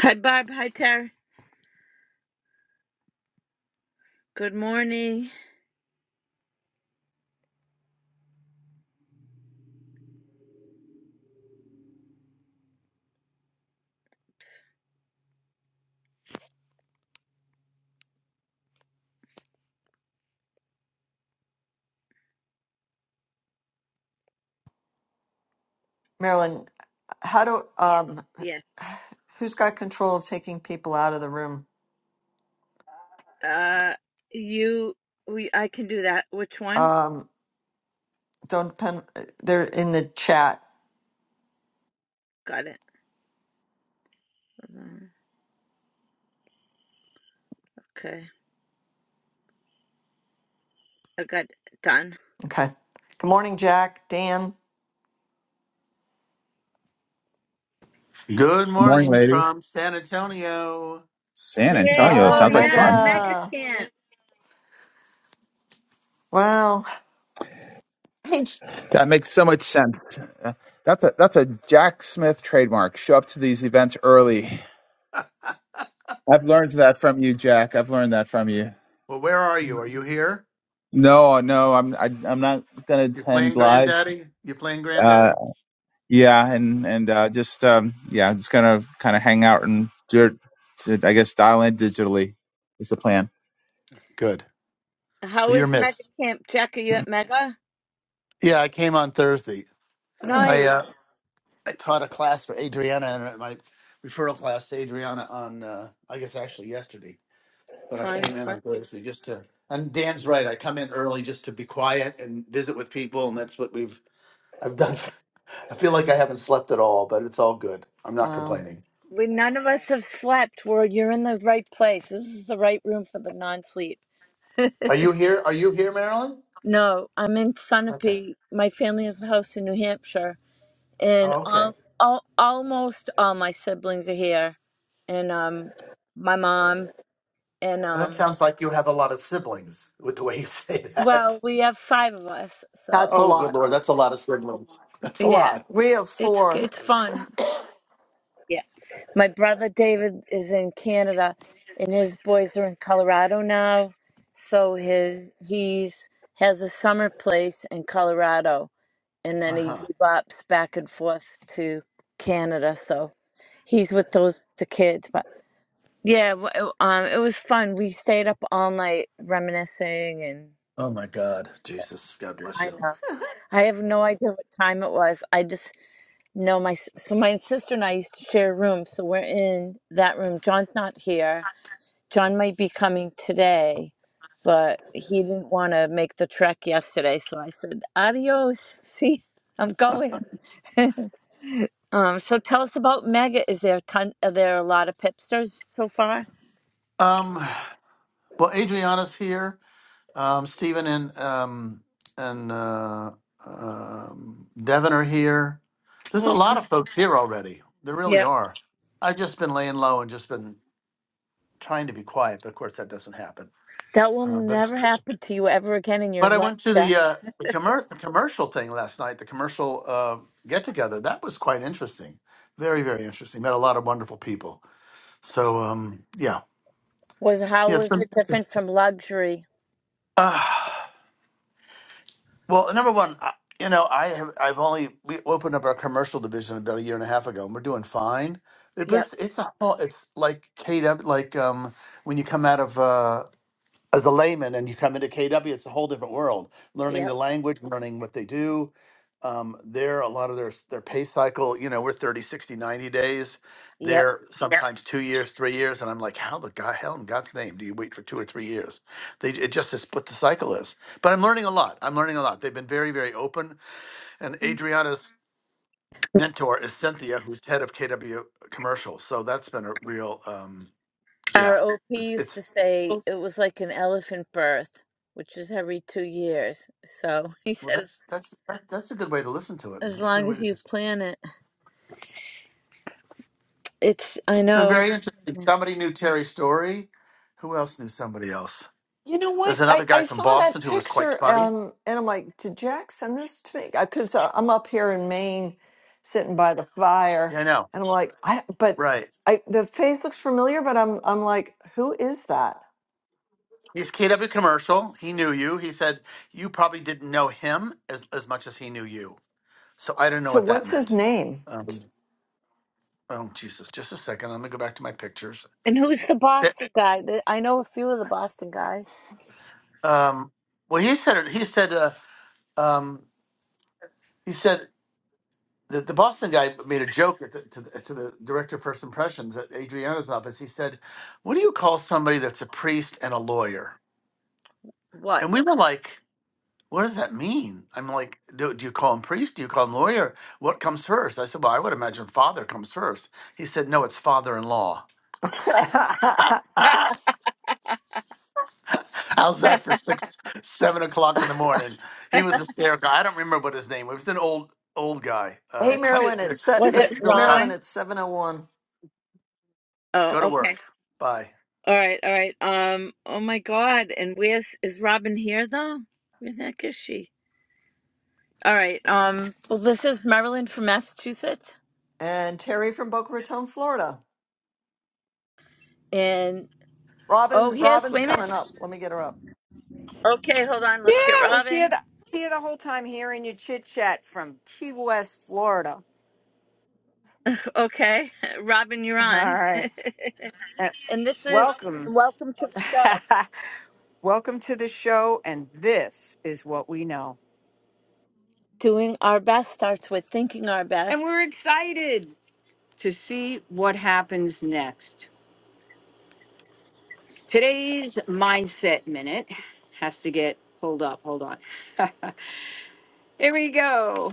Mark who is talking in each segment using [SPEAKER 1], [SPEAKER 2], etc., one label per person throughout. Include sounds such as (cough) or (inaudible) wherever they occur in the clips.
[SPEAKER 1] Hi, Barb. Hi, Tara. Good morning.
[SPEAKER 2] Marilyn, how do um
[SPEAKER 1] Yes.
[SPEAKER 2] who's got control of taking people out of the room?
[SPEAKER 1] Uh, you, we, I can do that. Which one?
[SPEAKER 2] Um don't depend they're in the chat.
[SPEAKER 1] Got it. Hold on. Okay. I got it done.
[SPEAKER 2] Okay. Good morning, Jack, Dan.
[SPEAKER 3] Good
[SPEAKER 4] Good morning,
[SPEAKER 3] morning
[SPEAKER 4] ladies.
[SPEAKER 3] from San Antonio.
[SPEAKER 4] San
[SPEAKER 1] Yeah.
[SPEAKER 4] Antonio
[SPEAKER 2] Oh,
[SPEAKER 1] Oh,
[SPEAKER 4] sounds like
[SPEAKER 1] yeah.
[SPEAKER 4] fun.
[SPEAKER 1] Mega
[SPEAKER 2] Mega.
[SPEAKER 1] Camp.
[SPEAKER 2] Wow. (laughs) Hey, J-
[SPEAKER 4] That makes so much sense. Uh, That's a that's a Jack Smith trademark. Show up to these events early.
[SPEAKER 3] (laughs)
[SPEAKER 4] I've learned that from you, Jack. I've learned that from you.
[SPEAKER 3] Well, where are you? Are you here?
[SPEAKER 4] No, no, I'm I, I'm not gonna
[SPEAKER 3] you
[SPEAKER 4] attend
[SPEAKER 3] playing
[SPEAKER 4] live.
[SPEAKER 3] Granddaddy? you playing
[SPEAKER 4] Uh,
[SPEAKER 3] Granddaddy?
[SPEAKER 4] yeah, and and uh, just um, yeah, just gonna kind of hang out and do it. I guess dial in digitally is the plan.
[SPEAKER 3] Good.
[SPEAKER 1] How
[SPEAKER 3] Well, you're
[SPEAKER 1] is Mega
[SPEAKER 3] missed.
[SPEAKER 1] Camp? Jack, are you at Mega?
[SPEAKER 3] Yeah, I came on Thursday. I
[SPEAKER 1] Nice.
[SPEAKER 3] uh, I taught a class for Adriana and my referral class to Adriana on, uh, I guess, actually yesterday. but I
[SPEAKER 1] Fun,
[SPEAKER 3] came in on
[SPEAKER 1] fun.
[SPEAKER 3] Thursday just to. And Dan's right. I come in early just to be quiet and visit with people, and that's what we've I've done. (laughs) I feel like I haven't slept at all, but it's all good. I'm not
[SPEAKER 2] wow.
[SPEAKER 3] complaining.
[SPEAKER 1] We, none of us have slept. we you're in the right place. This is the right room for the non sleep.
[SPEAKER 3] Are you here? Are you here, Marilyn?
[SPEAKER 1] No, I'm in
[SPEAKER 3] Okay.
[SPEAKER 1] Sunapee. My family has a house in New Hampshire and
[SPEAKER 3] Oh, okay.
[SPEAKER 1] all, all almost all my siblings are here and um my mom and
[SPEAKER 3] Well, that
[SPEAKER 1] um
[SPEAKER 3] sounds like you have a lot of siblings with the way you (laughs) say that.
[SPEAKER 1] well we have five of us
[SPEAKER 2] That's a
[SPEAKER 1] so
[SPEAKER 3] Oh, good
[SPEAKER 2] lot.
[SPEAKER 3] lord, that's a lot of siblings. That's a
[SPEAKER 1] yeah
[SPEAKER 3] lot.
[SPEAKER 2] We have
[SPEAKER 1] it's
[SPEAKER 2] four.
[SPEAKER 1] it's fun yeah my brother david is in canada and his boys are in colorado now so his he's has a summer place in colorado and
[SPEAKER 3] Uh
[SPEAKER 1] then he
[SPEAKER 3] huh.
[SPEAKER 1] bops back and forth to canada so he's with those the kids but. Yeah, w- it- um, it was fun. We stayed up all night reminiscing, and
[SPEAKER 3] Oh my God, Jesus, God bless
[SPEAKER 1] I
[SPEAKER 3] you.
[SPEAKER 1] know I have no idea what time it was. I just know my s- so my sister and I used to share a room, so we're in that room. John's not here. John might be coming today, but he didn't want to make the trek yesterday, so I said adios. (laughs) See, I'm going. (laughs) um, so tell us about Mega. Is there a ton? Are there a lot of pipsters so far?
[SPEAKER 3] Um. Well, Adriana's here. Um, Stephen and um, and uh, um, Devin are here. There's a
[SPEAKER 1] Well,
[SPEAKER 3] lot of folks here already. There really are. I've just been laying low and just been trying to be quiet, but of course that doesn't happen.
[SPEAKER 1] That will
[SPEAKER 3] Uh, but
[SPEAKER 1] never
[SPEAKER 3] it's-
[SPEAKER 1] happen to you ever again in your
[SPEAKER 3] but I
[SPEAKER 1] life,
[SPEAKER 3] went to the
[SPEAKER 1] Jack.
[SPEAKER 3] uh, the, commer- the commercial thing last night. The commercial uh, get together that was quite interesting. Very very interesting. Met a lot of wonderful people. So um, yeah
[SPEAKER 1] Was how
[SPEAKER 3] yeah it's
[SPEAKER 1] was
[SPEAKER 3] been.
[SPEAKER 1] it different from luxury?
[SPEAKER 3] Uh, Well, number one, I- you know, I have I've only we opened up our commercial division about a year and a half ago, and we're doing fine. It, but
[SPEAKER 1] Yep,
[SPEAKER 3] it's it's a whole- it's like KW, like um when you come out of uh as a layman and you come into KW, it's a whole different world. Learning
[SPEAKER 1] yep,
[SPEAKER 3] the language, learning what they do. Um, there, a lot of their s- their pay cycle, you know, we're thirty, sixty, ninety days.
[SPEAKER 1] yep.
[SPEAKER 3] They're Yeah. sometimes two years, three years. And I'm like, how the God, hell in God's name do you wait for two or three years? They, it just is what the cycle is. But I'm learning a lot. I'm learning a lot. They've been very, very open. And
[SPEAKER 1] Mm.
[SPEAKER 3] Adriana's mentor is Cynthia, who's head of KW commercial. So that's been a real, um, yeah,
[SPEAKER 1] Our OP
[SPEAKER 3] it's,
[SPEAKER 1] used to
[SPEAKER 3] it's
[SPEAKER 1] say it was like an elephant birth, which is every two years. So (laughs) he
[SPEAKER 3] Well,
[SPEAKER 1] says,
[SPEAKER 3] that's that's that- that's a good way to listen to it. a
[SPEAKER 1] as
[SPEAKER 3] Good
[SPEAKER 1] long
[SPEAKER 3] way
[SPEAKER 1] as
[SPEAKER 3] to
[SPEAKER 1] you
[SPEAKER 3] discuss.
[SPEAKER 1] plan it, it's.
[SPEAKER 3] it.
[SPEAKER 1] I
[SPEAKER 3] It's been
[SPEAKER 1] know.
[SPEAKER 3] very
[SPEAKER 1] Sure.
[SPEAKER 3] interesting. Somebody knew Terry Story. Who else knew somebody else?
[SPEAKER 2] You know what?
[SPEAKER 3] There's
[SPEAKER 2] I,
[SPEAKER 3] another guy
[SPEAKER 2] I
[SPEAKER 3] from
[SPEAKER 2] saw that
[SPEAKER 3] Boston who was quite
[SPEAKER 2] picture
[SPEAKER 3] funny.
[SPEAKER 2] um, and I'm like, did Jack send this to me? Because uh, I'm up here in Maine sitting by the
[SPEAKER 3] Yeah,
[SPEAKER 2] fire
[SPEAKER 3] I know.
[SPEAKER 2] and I'm like, I, but
[SPEAKER 3] Right.
[SPEAKER 2] I, the face looks familiar, but I'm, I'm like, who is that?
[SPEAKER 3] He's keyed up a commercial. He knew you. He said you probably didn't know him as as much as he knew you. So I don't know
[SPEAKER 2] So
[SPEAKER 3] what that
[SPEAKER 2] what's his
[SPEAKER 3] meant.
[SPEAKER 2] name?
[SPEAKER 3] Um, oh Jesus! Just a second. I'm gonna go back to my pictures.
[SPEAKER 1] And who's the
[SPEAKER 3] Eh,
[SPEAKER 1] Boston guy? Th- I know a few of the Boston guys.
[SPEAKER 3] Um, well, he said it. He said. Uh, um, he said. the, the Boston guy made a joke at the, to, the, to the director of First Impressions at Adriana's office. He said, "What do you call somebody that's a priest and a lawyer?"
[SPEAKER 1] What?
[SPEAKER 3] And we were like, "What does that mean?" I'm like, "Do, do you call him priest? Do you call him lawyer? What comes first?" I said, "Well, I would imagine father comes first." He said, "No, it's father-in-law."
[SPEAKER 2] (laughs) hey,
[SPEAKER 1] (laughs)
[SPEAKER 3] (laughs) How's
[SPEAKER 1] That's
[SPEAKER 3] that for six, seven o'clock in the morning? He was hysterical. I don't remember what his name was. It was an old, old guy. Um, (laughs) I
[SPEAKER 1] cute.
[SPEAKER 2] Marilyn,
[SPEAKER 3] said,
[SPEAKER 2] it's, se-
[SPEAKER 3] see,
[SPEAKER 1] Was
[SPEAKER 3] this
[SPEAKER 1] it
[SPEAKER 3] is
[SPEAKER 2] it's
[SPEAKER 3] really odd.
[SPEAKER 2] Marilyn,
[SPEAKER 1] Ron?
[SPEAKER 2] it's 701
[SPEAKER 1] Oh,
[SPEAKER 3] Go to
[SPEAKER 1] okay.
[SPEAKER 3] work. Bye.
[SPEAKER 1] All right, all right. Um, oh my God. And where's is Robin here though? Where the heck is she? All right. Um, well, this is Marilyn from Massachusetts,
[SPEAKER 2] and Terry from Boca Raton, Florida.
[SPEAKER 1] and oh,
[SPEAKER 2] Robin,
[SPEAKER 1] here's
[SPEAKER 2] Robin's
[SPEAKER 1] wait a
[SPEAKER 2] coming
[SPEAKER 1] minute.
[SPEAKER 2] up. Let me get her up.
[SPEAKER 1] Okay, hold on.
[SPEAKER 5] Yeah,
[SPEAKER 1] Let's get
[SPEAKER 5] I was here
[SPEAKER 1] Robin.
[SPEAKER 5] the here the whole time hearing your chit chat from Key West, Florida.
[SPEAKER 1] Okay, (laughs) Robin,
[SPEAKER 5] (laughs)
[SPEAKER 1] you're
[SPEAKER 5] All
[SPEAKER 1] on. (laughs)
[SPEAKER 5] right, Uh,
[SPEAKER 1] and this is
[SPEAKER 5] welcome,
[SPEAKER 1] welcome to the show.
[SPEAKER 5] (laughs) welcome to the show, and this is what we know,
[SPEAKER 1] Doing our best starts with thinking our
[SPEAKER 5] and
[SPEAKER 1] best.
[SPEAKER 5] we're excited to see what happens next. Today's mindset minute has to get pulled up. Hold on, (laughs) here we go.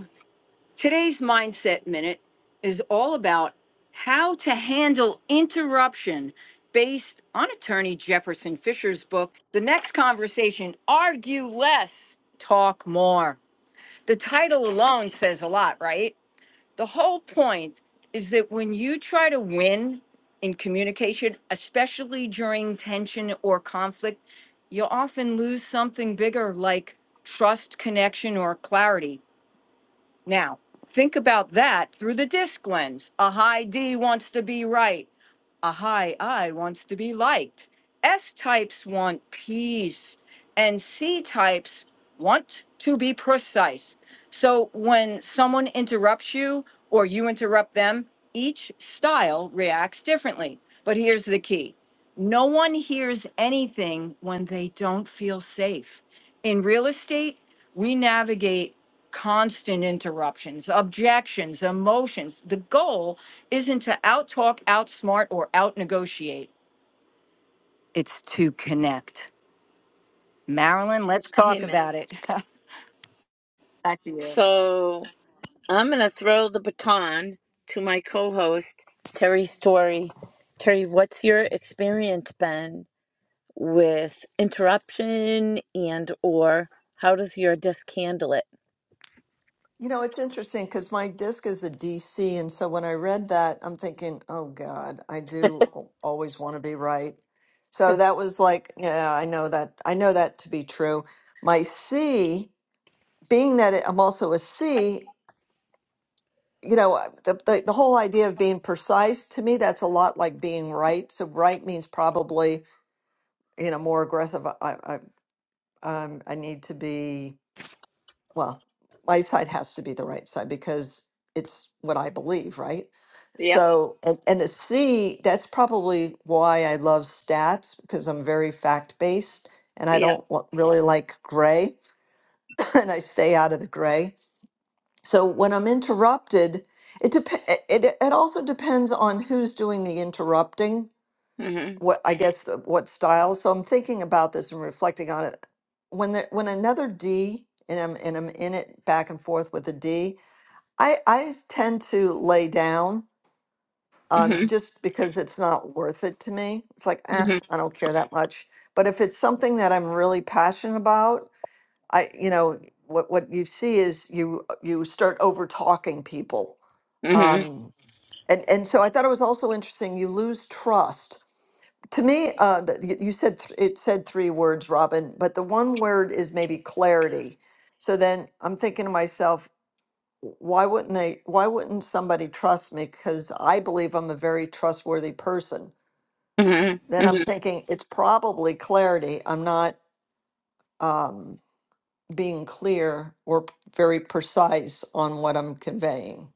[SPEAKER 5] Today's Mindset Minute is all about how to handle interruption based on attorney Jefferson Fisher's book, The Next Conversation Argue Less, Talk More. The title alone says a lot, right? The whole point is that when you try to win in communication, especially during tension or conflict, you'll often lose something bigger like trust, connection, or clarity now, think about that through the disc lens. A high D wants to be right, a high I wants to be liked. S types want peace, and C types want to be precise. So when someone interrupts you or you interrupt them, each style reacts differently. But here's the key no one hears anything when they don't feel safe. In real estate, we navigate constant interruptions, objections, emotions. The goal isn't to outtalk, outsmart, or outnegotiate. It's to connect. Marilyn, let's talk
[SPEAKER 1] Amen.
[SPEAKER 5] about it. (laughs) Back to you.
[SPEAKER 1] So I'm gonna throw the baton to my co-host Terry Story. Terry, what's your experience been? with interruption and or how does your desk handle it?
[SPEAKER 2] You know, it's interesting because my disc is a D C, And so when I read that, I'm thinking, oh God, I do al- always want to be right. So that was like, yeah, I know that. I know that to be true. My C, being that it- I'm also a C, you know, uh, the, the, the whole idea of being precise to me, that's a lot like being right. So right means probably, you know, more aggressive. I, I, I, um, I need to be well, my side has to be the right side because it's what I believe, right?
[SPEAKER 1] Yep.
[SPEAKER 2] So, and, and the C, that's probably why I love stats because I'm very fact based and I
[SPEAKER 1] Yep.
[SPEAKER 2] don't wa- really like gray (laughs) and I stay out of the gray. So when I'm interrupted, it, dep- it, it it also depends on who's doing the interrupting
[SPEAKER 1] Mhm.
[SPEAKER 2] what I guess the, what style. So I'm thinking about this and reflecting on it. When the, when another D and I'm and I'm in it back and forth with a D, I I tend to lay down um,
[SPEAKER 1] Mhm.
[SPEAKER 2] just because it's not worth it to me. It's like eh,
[SPEAKER 1] Mhm.
[SPEAKER 2] I don't care that much. But if it's something that I'm really passionate about, I you know what what you see is you you start over talking people.
[SPEAKER 1] Mhm.
[SPEAKER 2] Um, and and so I thought it was also interesting. You lose trust to me, uh, the, y- you said th- it said three words, Robin, but the one word is maybe clarity. So then I'm thinking to myself, "W- why wouldn't they? Why wouldn't somebody trust me? Because I believe I'm a very trustworthy person.
[SPEAKER 1] Mhm.
[SPEAKER 2] Then I'm
[SPEAKER 1] Mhm.
[SPEAKER 2] thinking it's probably clarity. I'm not um, being clear or p- very precise on what I'm conveying.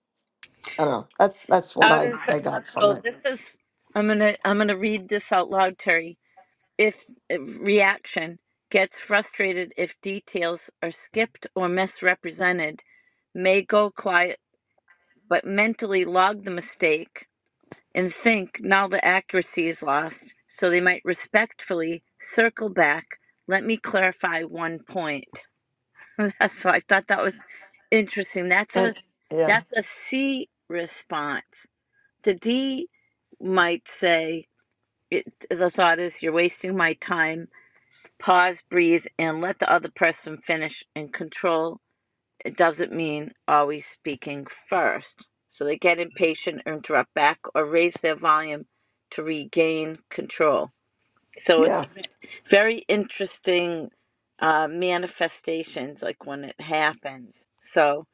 [SPEAKER 2] I don't know. That's that's what
[SPEAKER 1] How
[SPEAKER 2] I
[SPEAKER 1] does
[SPEAKER 2] I got from
[SPEAKER 1] so
[SPEAKER 2] it.
[SPEAKER 1] this is I'm going to I'm going to read this out loud Terry. If if reaction gets frustrated if details are skipped or misrepresented, may go quiet but mentally log the mistake and think now the accuracy is lost, so they might respectfully circle back. Let me clarify one point. (laughs) That's why I thought that was interesting. That's a
[SPEAKER 2] And yeah,
[SPEAKER 1] that's a C response. The D might say it, the thought is you're wasting my time. Pause, breathe, and let the other person finish and control it doesn't mean always speaking first. So they get impatient, interrupt back, or raise their volume to regain control. So
[SPEAKER 2] yeah,
[SPEAKER 1] it's very interesting uh, manifestations, like when it happens. So,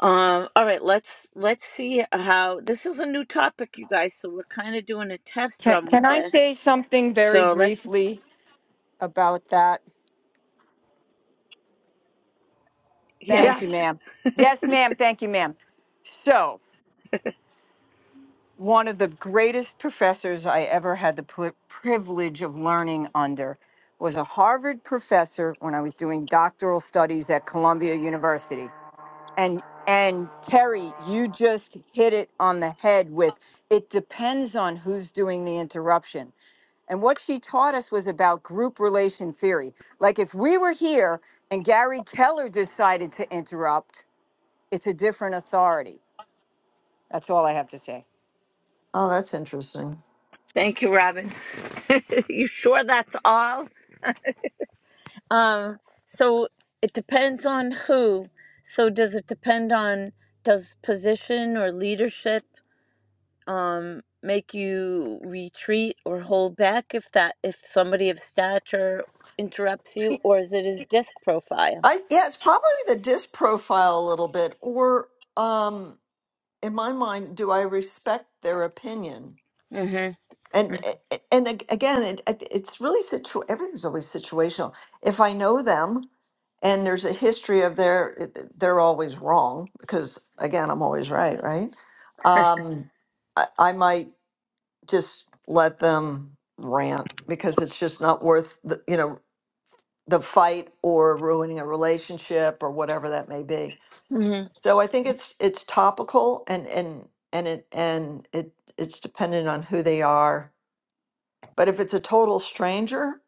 [SPEAKER 1] um, all right, let's let's see how this is a new topic, you guys. So we're kind of doing a test
[SPEAKER 5] Can,
[SPEAKER 1] run with
[SPEAKER 5] can I
[SPEAKER 1] this.
[SPEAKER 5] say something very
[SPEAKER 1] So let's,
[SPEAKER 5] briefly about that? Thank
[SPEAKER 2] yeah.
[SPEAKER 5] you,
[SPEAKER 1] yes,
[SPEAKER 5] ma'am. Yes, ma'am. Thank you, ma'am. So one of the greatest professors I ever had the pri privilege of learning under was a Harvard professor when I was doing doctoral studies at Columbia University. And and Terry, you just hit it on the head with it depends on who's doing the interruption. And what she taught us was about group relation theory. Like if we were here and Gary Keller decided to interrupt, it's a different authority. That's all I have to say.
[SPEAKER 2] Oh, that's interesting.
[SPEAKER 1] thank you, Robin. (laughs) you sure that's all? Um, so it depends on who. So does it depend on does position or leadership um make you retreat or hold back if that if somebody of stature interrupts you
[SPEAKER 2] Y-
[SPEAKER 1] or is it his disc profile?
[SPEAKER 2] I yeah, it's probably the disc profile a little bit, or um, in my mind, do I respect their opinion?
[SPEAKER 1] Mhm.
[SPEAKER 2] and a- and ag- again it, it- it's really situ everything's always situational if i know them and there's a history of their it- it- they're always wrong because again i'm always right right um i, I might just let them rant because it's just not worth the, you know the fight or ruining a relationship or whatever that may be
[SPEAKER 1] Mhm.
[SPEAKER 2] so i think it's it's topical and and and it and it it's dependent on who they are but if it's a total stranger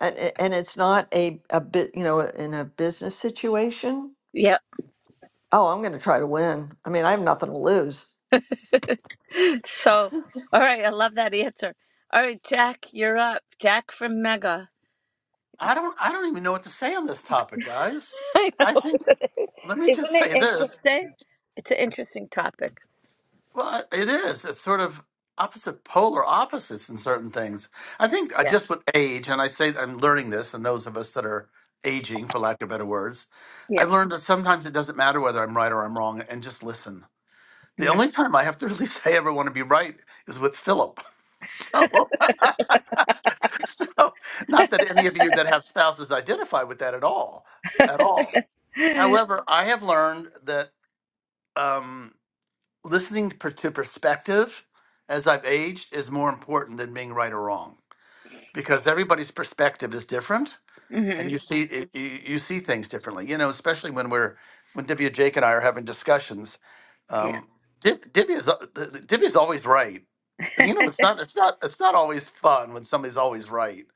[SPEAKER 2] and, and it's not a, a bit, you know, in a business situation,
[SPEAKER 1] Yep.
[SPEAKER 2] oh, I'm going to try to win. I mean, I have nothing to lose.
[SPEAKER 1] (laughs) So all right, I love that answer. All right, Jack, you're up. Jack from Mega.
[SPEAKER 3] I don't I don't even know what to say on this topic, guys.
[SPEAKER 1] (laughs) I
[SPEAKER 3] I
[SPEAKER 1] know.
[SPEAKER 3] think
[SPEAKER 1] Isn't it,
[SPEAKER 3] let
[SPEAKER 1] (laughs)
[SPEAKER 3] me just
[SPEAKER 1] isn't it
[SPEAKER 3] say this.
[SPEAKER 1] interesting? It's an interesting topic.
[SPEAKER 3] Well, it is. It's sort of opposite polar opposites in certain things. I think I
[SPEAKER 1] Yeah.
[SPEAKER 3] just with age, and I say I'm learning this, and those of us that are aging, for lack of better words,
[SPEAKER 1] Yep.
[SPEAKER 3] I've learned that sometimes it doesn't matter whether I'm right or I'm wrong, and just listen. The
[SPEAKER 1] Mhm.
[SPEAKER 3] only time I have to really (laughs) say I ever want to be right is with Philip. (laughs) So, so not that any of you that have spouses identify with that at all, at all.
[SPEAKER 1] (laughs)
[SPEAKER 3] However, I have learned that um, listening per- to perspective as I've aged is more important than being right or wrong because everybody's perspective is different, and
[SPEAKER 1] Mm-hmm.
[SPEAKER 3] you see it, you you see things differently. You know, especially when we're when Divya, Jake, and I are having discussions.
[SPEAKER 1] Yeah.
[SPEAKER 3] Um, Div- Divya is a- the- the- Divya is always right, and you know it's not it's not it's not always fun when somebody's always right.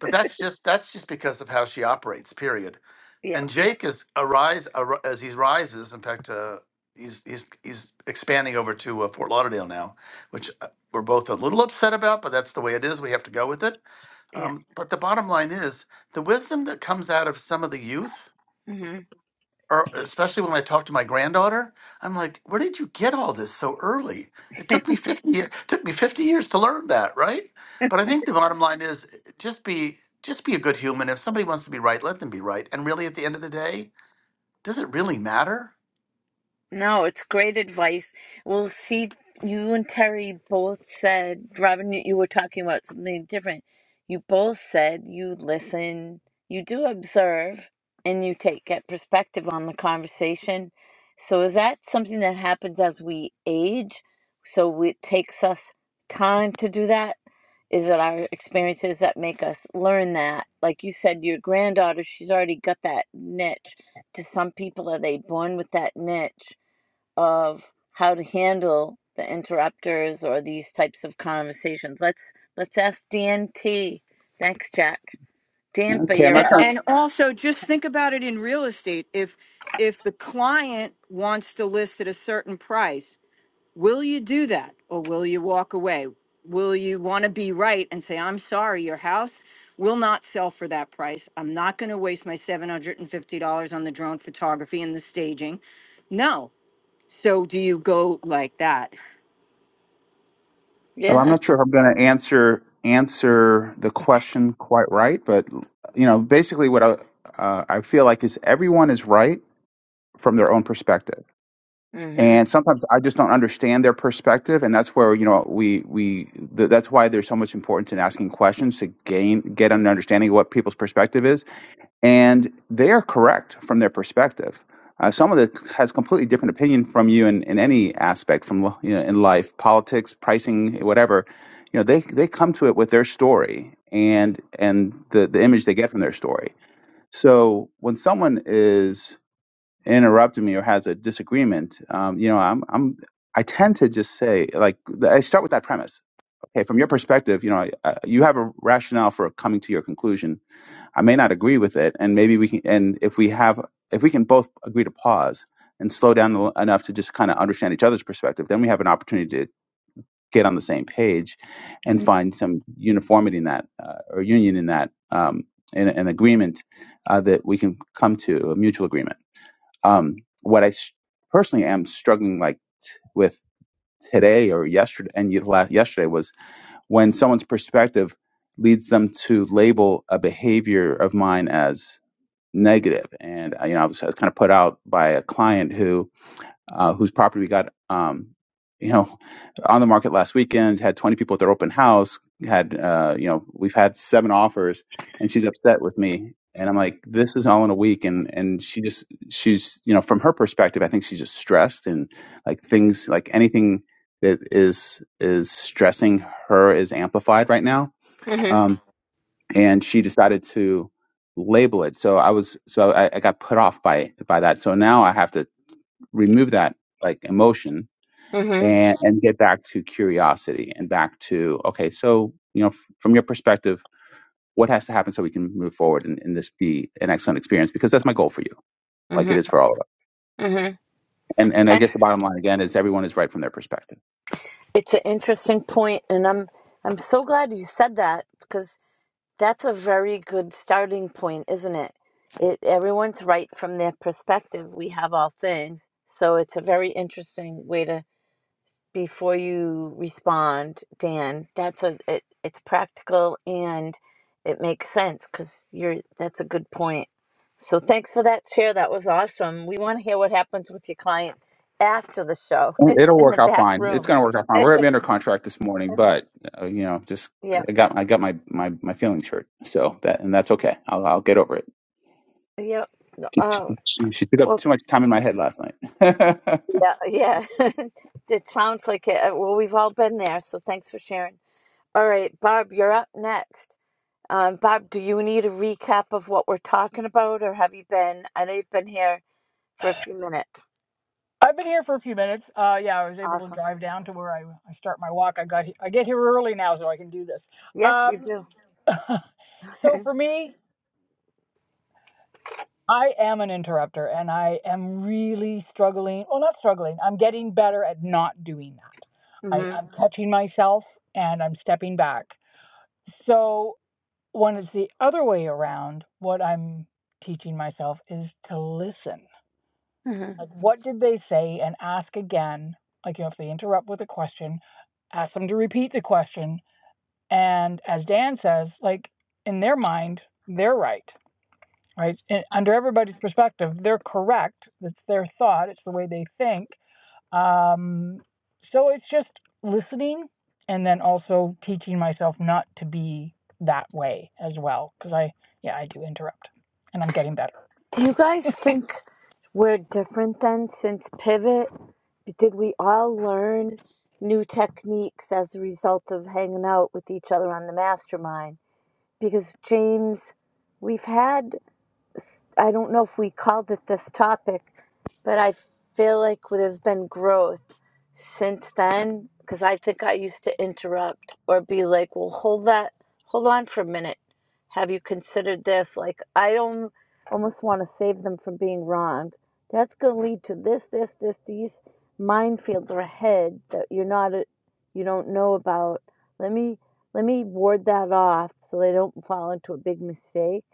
[SPEAKER 3] But that's just that's just because of how she operates. Period
[SPEAKER 1] Yep.
[SPEAKER 3] and Jake is arise ar- as he rises. In fact, uh, he's he's he's expanding over to uh, Fort Lauderdale now, which uh, we're both a little upset about, but that's the way it is. We have to go with it.
[SPEAKER 1] Yeah.
[SPEAKER 3] Um, but the bottom line is the wisdom that comes out of some of the youth,
[SPEAKER 1] Mm-hmm.
[SPEAKER 3] or especially when I talk to my granddaughter, I'm like, "Where did you get all this so early? It took me fifty years, took me fifty years to learn that, right?" But I think the bottom line is just be just be a good human. If somebody wants to be right, let them be right. And really, at the end of the day does it really matter?
[SPEAKER 1] No, it's great advice. Well, see, you and Terry both said, Robin, you you were talking about something different. You both said you listen, you do observe, and you take get perspective on the conversation. So is that something that happens as we age? So it takes us time to do that? Is it our experiences that make us learn that? Like you said, your granddaughter, she's already got that niche. To some people, are they born with that niche? of how to handle the interrupters or these types of conversations. Let's let's ask DNT. Thanks, Jack. Tampa,
[SPEAKER 4] Okay, I'm
[SPEAKER 1] you're
[SPEAKER 4] not
[SPEAKER 5] And
[SPEAKER 4] sure.
[SPEAKER 1] up.
[SPEAKER 5] and also just think about it in real estate. If if the client wants to list at a certain price, will you do that or will you walk away? Will you want to be right and say, "I'm sorry, your house will not sell for that price. I'm not going to waste my $750 on the drone photography and the staging." No. So do you go like that?
[SPEAKER 4] well, I'm
[SPEAKER 1] Yeah.
[SPEAKER 4] not sure if I'm going to answer answer the question quite right, but you know, basically, what I uh, I feel like is everyone is right from their own perspective,
[SPEAKER 1] Mhm.
[SPEAKER 4] and sometimes I just don't understand their perspective, and that's where you know we we th- that's why there's so much importance in asking questions to gain get an understanding of what people's perspective is and they are correct from their perspective. Uh, someone that has completely different opinion from you in, in any aspect from you know in life, politics, pricing, whatever, you know they they come to it with their story and and the the image they get from their story. So when someone is interrupting me or has a disagreement, um, you know I'm I'm I tend to just say like I start with that premise. Okay, from your perspective, you know I, I, you have a rationale for coming to your conclusion I may not agree with it, and maybe we can. And if we have, if we can both agree to pause and slow down l- enough to just kind of understand each other's perspective, then we have an opportunity to get on the same page and
[SPEAKER 1] Mhm.
[SPEAKER 4] find some uniformity in that uh, or union in that um, in an agreement uh, that we can come to a mutual agreement. Um, what I s- personally am struggling like with today or yesterday and ye- la- yesterday was when someone's perspective leads them to label a behavior of mine as negative. And uh, you know, I was, I was kind of put out by a client who uh, whose property we got, um, you know, on the market last weekend. Had 20 people at their open house. Had uh, you know, we've had seven offers, and she's upset with me. And I'm like, this is all in a week, and and she just she's you know, from her perspective, I think she's just stressed and like things like anything that is is stressing her is amplified right now. Um, and she decided to label it. So I was so I, I got put off by by that. So now I have to remove that like emotion
[SPEAKER 1] Mhm.
[SPEAKER 4] and and get back to curiosity and back to okay. So you know, f- from your perspective, what has to happen so we can move forward and, and this be an excellent experience? Because that's my goal for you, like it
[SPEAKER 1] Mhm.
[SPEAKER 4] is for all of us.
[SPEAKER 1] Mhm.
[SPEAKER 4] And and I guess the bottom line again is everyone is right from their perspective.
[SPEAKER 1] It's an interesting point, and I'm I'm so glad you said that because that's a very good starting point, isn't it? It everyone's right from their perspective. We have all things, so it's a very interesting way to before you respond, Dan. That's a it, it's practical and it makes sense because you're that's a good point. So thanks for that share. That was awesome. We want to hear what happens with your client after the show
[SPEAKER 4] It'll
[SPEAKER 1] (laughs) in
[SPEAKER 4] work
[SPEAKER 1] the
[SPEAKER 4] out
[SPEAKER 1] back
[SPEAKER 4] fine. It's
[SPEAKER 1] room.
[SPEAKER 4] going to work out fine.
[SPEAKER 1] (laughs)
[SPEAKER 4] We're gonna be under contract this morning, but uh, you know, just
[SPEAKER 1] Yeah,
[SPEAKER 4] I got I got my my my feelings hurt. So that and that's okay. I'll I'll get over it.
[SPEAKER 1] yeah.
[SPEAKER 4] She,
[SPEAKER 1] Oh
[SPEAKER 4] she she took up
[SPEAKER 1] well,
[SPEAKER 4] too much time in my head last night. (laughs)
[SPEAKER 1] yeah, yeah. (laughs) it sounds like it. Uh, Well, we've all been there. So thanks for sharing. All right, Barb, you're up next. Um, Bob, do you need a recap of what we're talking about, or have you been? I know you've been here for a few minutes.
[SPEAKER 6] I've been here for a few minutes. Uh, yeah, I was able to
[SPEAKER 1] Awesome.
[SPEAKER 6] drive down to where I, I start my walk. I got I get here early now, so I can do this.
[SPEAKER 1] Yes, you
[SPEAKER 6] Um,
[SPEAKER 1] do.
[SPEAKER 6] (laughs)
[SPEAKER 1] (laughs)
[SPEAKER 6] so for me, I am an interrupter, and I am really struggling. Well, not struggling. I'm getting better at not doing that. I,
[SPEAKER 1] hmm
[SPEAKER 6] I'm catching myself and I'm stepping back. So when it's the other way around, what I'm teaching myself is to listen
[SPEAKER 1] hmm
[SPEAKER 6] Like, what did they say? And ask again. Like, you know, if they interrupt with a question, ask them to repeat the question. And as Dan says, like, in their mind, they're right, right? And under everybody's perspective, they're correct. It's their thought, it's the way they think. Um, so it's just listening and then also teaching myself not to be that way as well. Cause I, yeah, I do interrupt and I'm getting better.
[SPEAKER 1] Do you guys think we're different then since Pivot? Did we all learn new techniques as a result of hanging out with each other on the mastermind? Because, James, we've had I don't know if we called it this topic, but I feel like there's been growth since then because I think I used to interrupt or be like, "Well, hold that, hold on for a minute. Have you considered this?" Like I don't almost want to save them from being wrong. That's going to lead to this, this, this. These minefields are ahead that you're not, you don't know about. Let me let me ward that off so they don't fall into a big mistake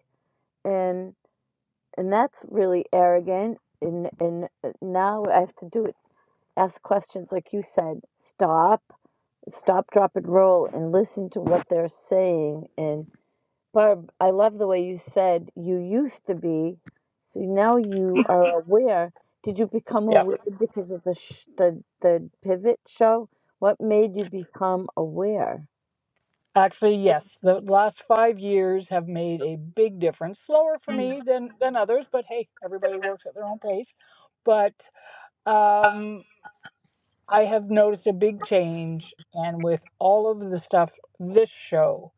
[SPEAKER 1] and and that's really arrogant and and uh, now i have to do it ask questions like you said stop stop drop and roll and listen to what they're saying and barb i love the way you said you used to be so now you
[SPEAKER 6] (laughs)
[SPEAKER 1] are aware did you become
[SPEAKER 6] Yep.
[SPEAKER 1] aware because of the sh- the the pivot show what made you become aware
[SPEAKER 6] Actually, yes. The last five years have made a big difference. Slower for
[SPEAKER 1] Mm.
[SPEAKER 6] me than than others, but hey, everybody works at their own pace. But um, I have noticed a big change, and with all of the stuff, this show,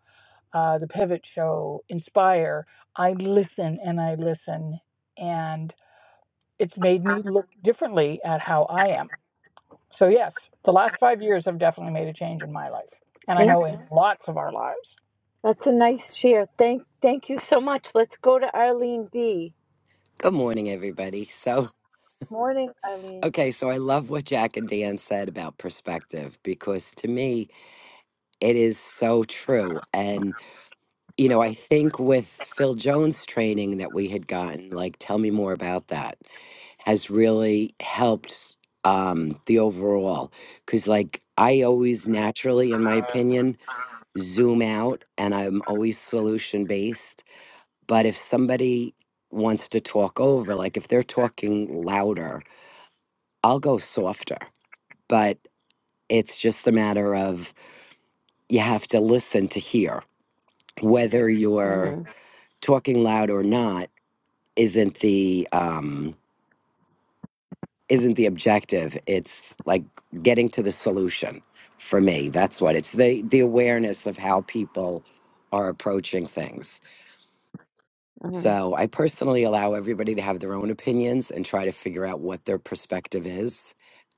[SPEAKER 6] uh, the Pivot Show, Inspire, I listen and I listen, and it's made me look differently at how I am. So yes, the last five years have definitely made a change in my life, and I
[SPEAKER 1] Eh,
[SPEAKER 6] know in lots of our lives.
[SPEAKER 1] that's a nice share thank thank you so much let's go to arlene b
[SPEAKER 7] Good morning, everybody. So,
[SPEAKER 1] morning arlene
[SPEAKER 7] okay, so I love what Jack and Dan said about perspective because to me, it is so true. And, you know, I think with Phil Jones' training that we had gotten, like, tell me more about that, has really helped um, the overall. Because, like, I always naturally, in my opinion, zoom out and I'm always solution based. But if somebody wants to talk over, like, if they're talking louder, I'll go softer, but it's just a matter of you have to listen to hear. Whether you're
[SPEAKER 1] Mhm.
[SPEAKER 7] talking loud or not isn't the um, isn't the objective. It's like getting to the solution for me. That's what it's the the awareness of how people are approaching things.
[SPEAKER 1] Mhm.
[SPEAKER 7] So I personally allow everybody to have their own opinions and try to figure out what their perspective is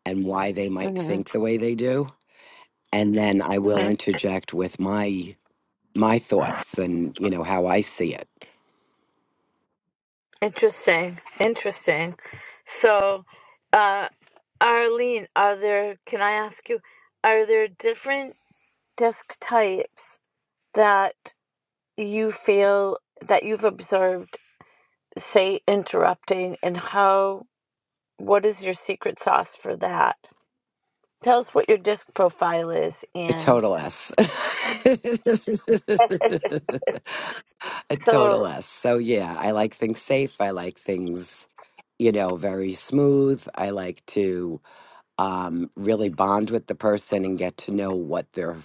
[SPEAKER 7] and why they might
[SPEAKER 1] Mhm.
[SPEAKER 7] think the way they do and then I will
[SPEAKER 1] Mhm.
[SPEAKER 7] interject with my my thoughts and you know how I see it.
[SPEAKER 1] Interesting. Interesting. So, uh, Arlene, are there? Can I ask you? Are there different disc types that you feel that you've observed, say, interrupting, and how? What is your secret sauce for that? Tell us what your disc profile is,
[SPEAKER 7] A
[SPEAKER 1] and
[SPEAKER 7] total S. (laughs)
[SPEAKER 1] (laughs)
[SPEAKER 7] a
[SPEAKER 1] so
[SPEAKER 7] total S. So yeah, I like things safe. I like things, you know, very smooth. I like to um, really bond with the person and get to know what they're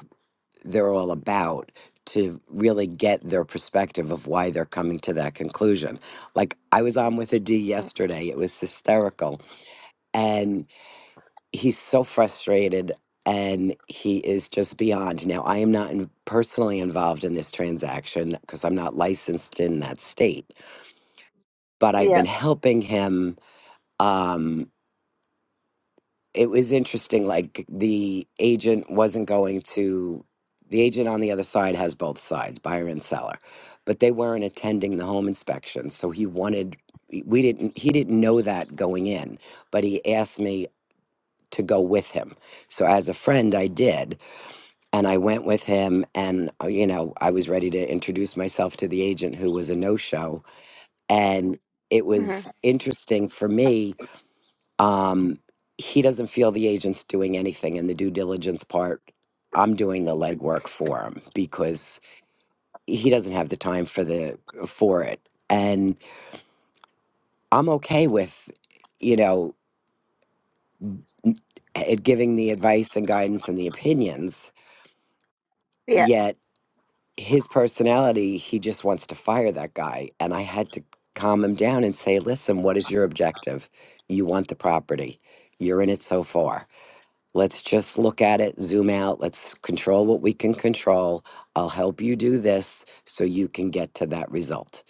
[SPEAKER 7] they're all about to really get their perspective of why they're coming to that conclusion. Like I was on with a D yesterday. It was hysterical and he's so frustrated and he is just beyond. Now, I am not in, personally involved in this transaction because I'm not licensed in that state, but I've been
[SPEAKER 1] yeah,
[SPEAKER 7] helping him. Um, it was interesting, like the agent wasn't going to, the agent on the other side has both sides, buyer and seller, but they weren't attending the home inspection. So he wanted, we didn't, he didn't know that going in, but he asked me to go with him. So as a friend, I did, and I went with him, and uh, you know, I was ready to introduce myself to the agent who was a no-show, and it
[SPEAKER 1] hmm
[SPEAKER 7] was interesting for me. Um, he doesn't feel the agent's doing anything, in the due diligence part, I'm doing the legwork for him because he doesn't have the time for the for it, and I'm okay with, you know, n- eh, giving the advice and guidance and the opinions.
[SPEAKER 1] yeah.
[SPEAKER 7] Yet his personality, he just wants to fire that guy. And I had to calm him down and say, listen, what is your objective? You want the property. You're in it so far. Let's just look at it, zoom out. Let's control what we can control. I'll help you do this so you can get to that result.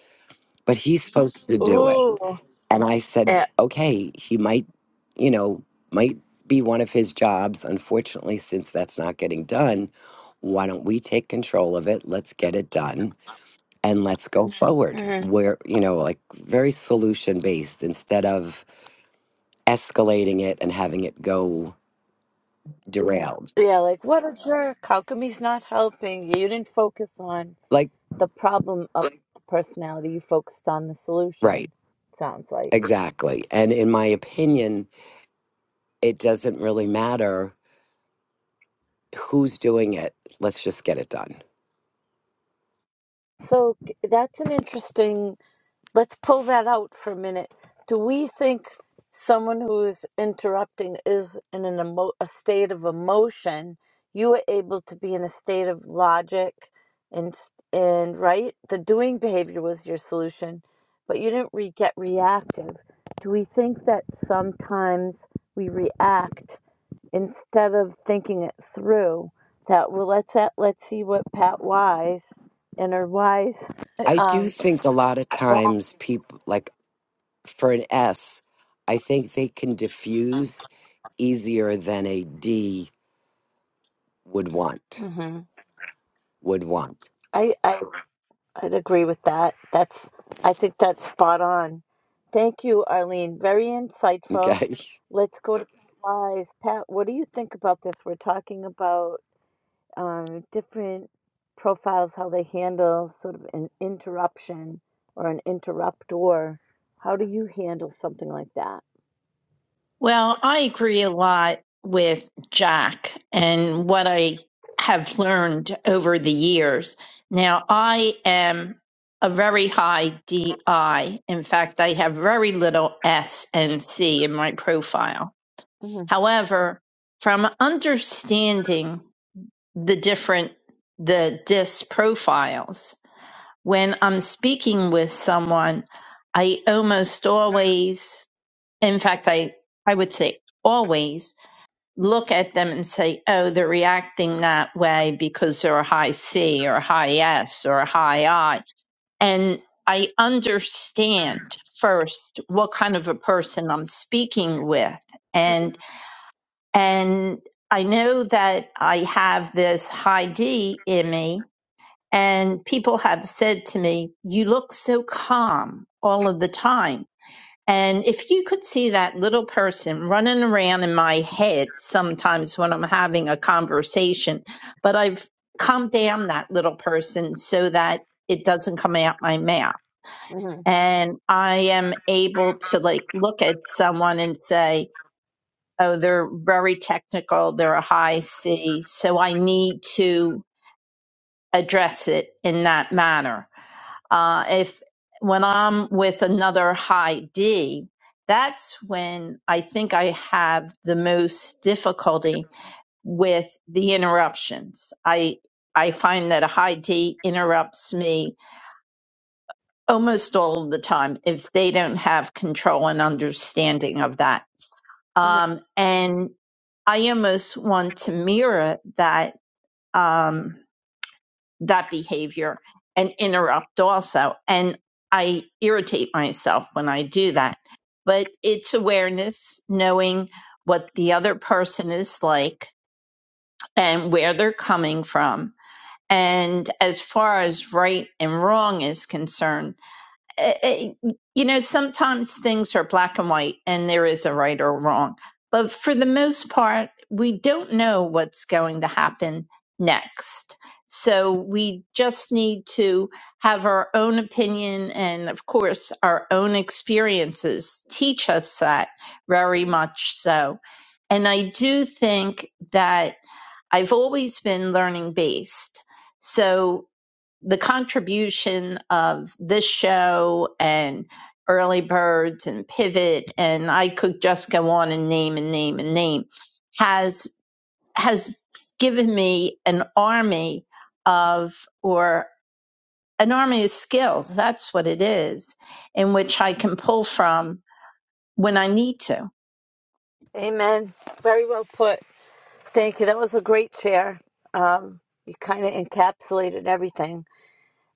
[SPEAKER 7] But he's supposed to do it.
[SPEAKER 1] Ooh,
[SPEAKER 7] And I said,
[SPEAKER 1] yeah.
[SPEAKER 7] okay, he might, you know, might be one of his jobs. Unfortunately, since that's not getting done, why don't we take control of it? Let's get it done and let's go Mhm. forward where you know like very solution based instead of escalating it and having it go derailed
[SPEAKER 1] Yeah, like what a jerk. How come he's not helping? You didn't focus on
[SPEAKER 7] like
[SPEAKER 1] the problem of the personality. You focused on the
[SPEAKER 7] right
[SPEAKER 1] solution. Sounds like.
[SPEAKER 7] exactly and in my opinion it doesn't really matter who's doing it let's just get it done
[SPEAKER 1] So g- that's an interesting let's pull that out for a minute. Do we think someone who is interrupting is in an emo- a state of emotion? You were able to be in a state of logic, and s- and right, the doing behavior was your solution, but you didn't re- get reactive. Do we think that sometimes we react instead of thinking it through? That well, let's at, let's see what Pat Wise and her Wise (laughs)
[SPEAKER 7] i do
[SPEAKER 1] um,
[SPEAKER 7] think a lot of times people like for an s i think they can diffuse easier than a d would want
[SPEAKER 1] Mhm.
[SPEAKER 7] would want
[SPEAKER 1] I, I I'd agree with that. That's I think that's spot on. Thank you, Arlene. Very insightful.
[SPEAKER 7] okay (laughs)
[SPEAKER 1] Let's go to Pat Wise. Pat, what do you think about this? We're talking about um, different profiles, how they handle sort of an interruption or an interruptor. How do you handle something like that?
[SPEAKER 8] Well, I agree a lot with Jack and what I have learned over the years. Now, I am a very high DI. In fact, I have very little S and C in my profile.
[SPEAKER 1] hmm
[SPEAKER 8] However, from understanding the different the DIS profiles, when I'm speaking with someone, I almost always, in fact, I, I would say always look at them and say, oh, they're reacting that way because they're a high C or a high S or a high I. And I understand first what kind of a person I'm speaking with. And, and I know that I have this high D in me. And people have said to me, you look so calm all of the time and if you could see that little person running around in my head sometimes when I'm having a conversation, but I've calmed down that little person so that it doesn't come out my mouth.
[SPEAKER 1] hmm
[SPEAKER 8] And I am able to like look at someone and say, oh, they're very technical, they're a high C, so I need to address it in that manner uh, if when I'm with another high D, that's when I think I have the most difficulty with the interruptions. I I find that a high D interrupts me almost all of the time if they don't have control and understanding of that.
[SPEAKER 1] hmm
[SPEAKER 8] Um, and I almost want to mirror that. Um, that behavior and interrupt also. And I irritate myself when I do that. But it's awareness, knowing what the other person is like and where they're coming from. And as far as right and wrong is concerned, eh, eh, you know, sometimes things are black and white and there is a right or wrong. But for the most part, we don't know what's going to happen next. So we just need to have our own opinion and, of course, our own experiences teach us that very much so. And I do think that I've always been learning based. So the contribution of this show and early birds and pivot and i could just go on and name and name and name has has given me an army of or an army of skills that's what it is in which i can pull from when i need to
[SPEAKER 1] Amen. Very well put. Thank you. That was a great share. Um, you kind of encapsulated everything.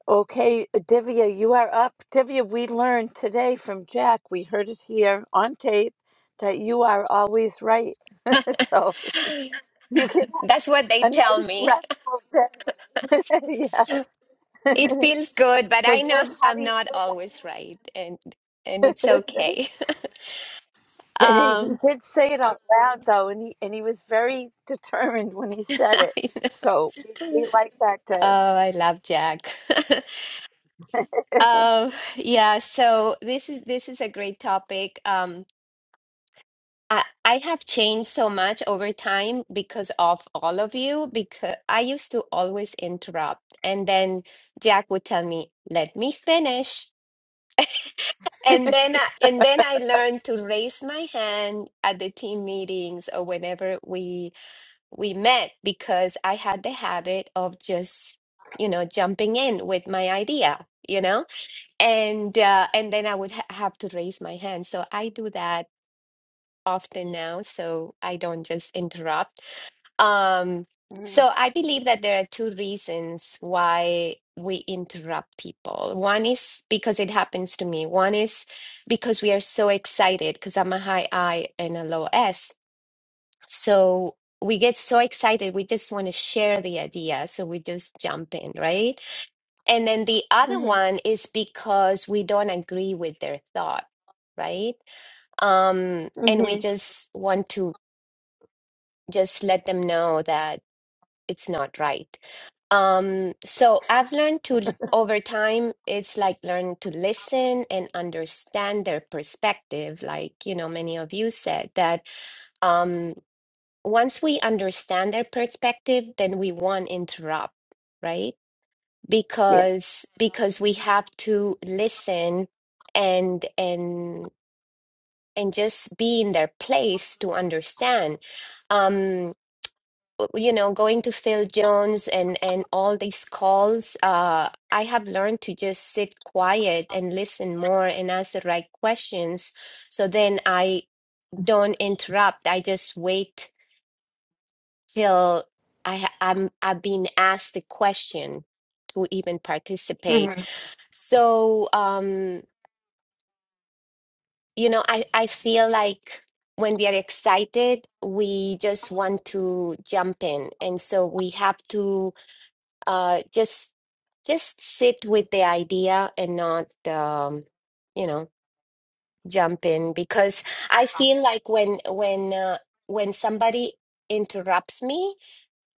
[SPEAKER 1] Okay, uh, Divya, you are up. Divya, we learned today from Jack, we heard it here on tape, that you are always right. (laughs) so you can
[SPEAKER 9] That's what they
[SPEAKER 1] have a
[SPEAKER 9] tell
[SPEAKER 1] nice,
[SPEAKER 9] me.
[SPEAKER 1] restful day. (laughs)
[SPEAKER 9] (laughs)
[SPEAKER 1] yes.
[SPEAKER 9] It feels good,
[SPEAKER 1] (laughs)
[SPEAKER 9] but
[SPEAKER 1] so,
[SPEAKER 9] I know
[SPEAKER 1] Div,
[SPEAKER 9] s-
[SPEAKER 1] how
[SPEAKER 9] I'm
[SPEAKER 1] do you
[SPEAKER 9] not
[SPEAKER 1] do
[SPEAKER 9] always right, and and it's
[SPEAKER 1] that?
[SPEAKER 9] okay. (laughs)
[SPEAKER 1] (laughs) (laughs) he
[SPEAKER 9] Um,
[SPEAKER 1] did say it out loud, though, and he, and he was very determined when he
[SPEAKER 9] (laughs)
[SPEAKER 1] said it.
[SPEAKER 9] I know.
[SPEAKER 1] So we, we like that, Div.
[SPEAKER 9] Oh, I love Jack. (laughs) Um, yeah, so this is this is a great topic. Um, I I have changed so much over time because of all of you, because I used to always interrupt, and then Jack would tell me, "Let me finish." And then I, and then I learned to raise my hand at the team meetings or whenever we we met because I had the habit of just you know jumping in with my idea, you know, and uh, and then I would ha have to raise my hand. So I do that often now, so I don't just interrupt. Um, so
[SPEAKER 1] Mm-hmm.
[SPEAKER 9] I believe that there are two reasons why we interrupt people. One is because it happens to me. One is because we are so excited because I'm a high I and a low S. So we get so excited, we just want to share the idea. So we just jump in, right? And then the other
[SPEAKER 1] Mm-hmm.
[SPEAKER 9] one is because we don't agree with their thought, right? Um, and we
[SPEAKER 1] Mm-hmm.
[SPEAKER 9] just want to just let them know that it's not right. Um, so I've learned to, l- over time, it's like learn to listen and understand their perspective. Like, you know, many of you said that um, once we understand their perspective, then we won't interrupt, right? Because because we have to listen and and and just be in their place to understand. Um, you know, going to Phil Jones and and all these calls, uh, I have learned to just sit quiet and listen more and ask the right questions. So then I don't interrupt. I just wait till I ha- I'm I've been asked the question to even participate.
[SPEAKER 1] Mm-hmm.
[SPEAKER 9] So um, you know, I I feel like when we are excited, we just want to jump in, and so we have to uh, just just sit with the idea and not um, you know jump in because I feel like when when uh, when somebody interrupts me,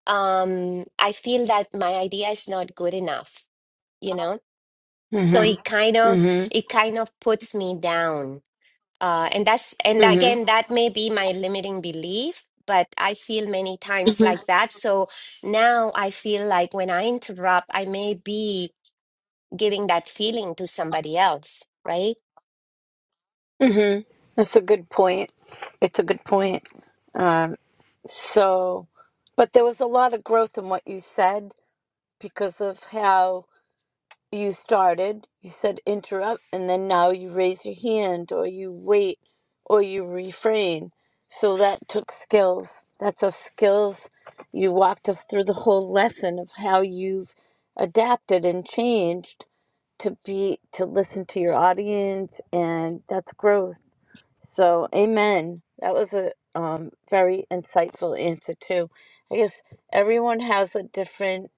[SPEAKER 9] um, I feel that my idea is not good enough, you know. So it kind
[SPEAKER 1] Mm-hmm.
[SPEAKER 9] of it kind of puts me down, uh, and that's and
[SPEAKER 1] Mm-hmm.
[SPEAKER 9] again that may be my limiting belief. But I feel many times
[SPEAKER 1] Mm-hmm.
[SPEAKER 9] like that. So now I feel like when I interrupt, I may be giving that feeling to somebody else, right?
[SPEAKER 1] hmm That's a good point. It's a good point. Um, so, but there was a lot of growth in what you said because of how you started. You said interrupt, and then now you raise your hand, or you wait, or you refrain. So that took skills. That's a skills. You walked us through the whole lesson of how you've adapted and changed to be to listen to your audience, and that's growth so, amen. That was a um, very insightful answer, too. I guess everyone has a different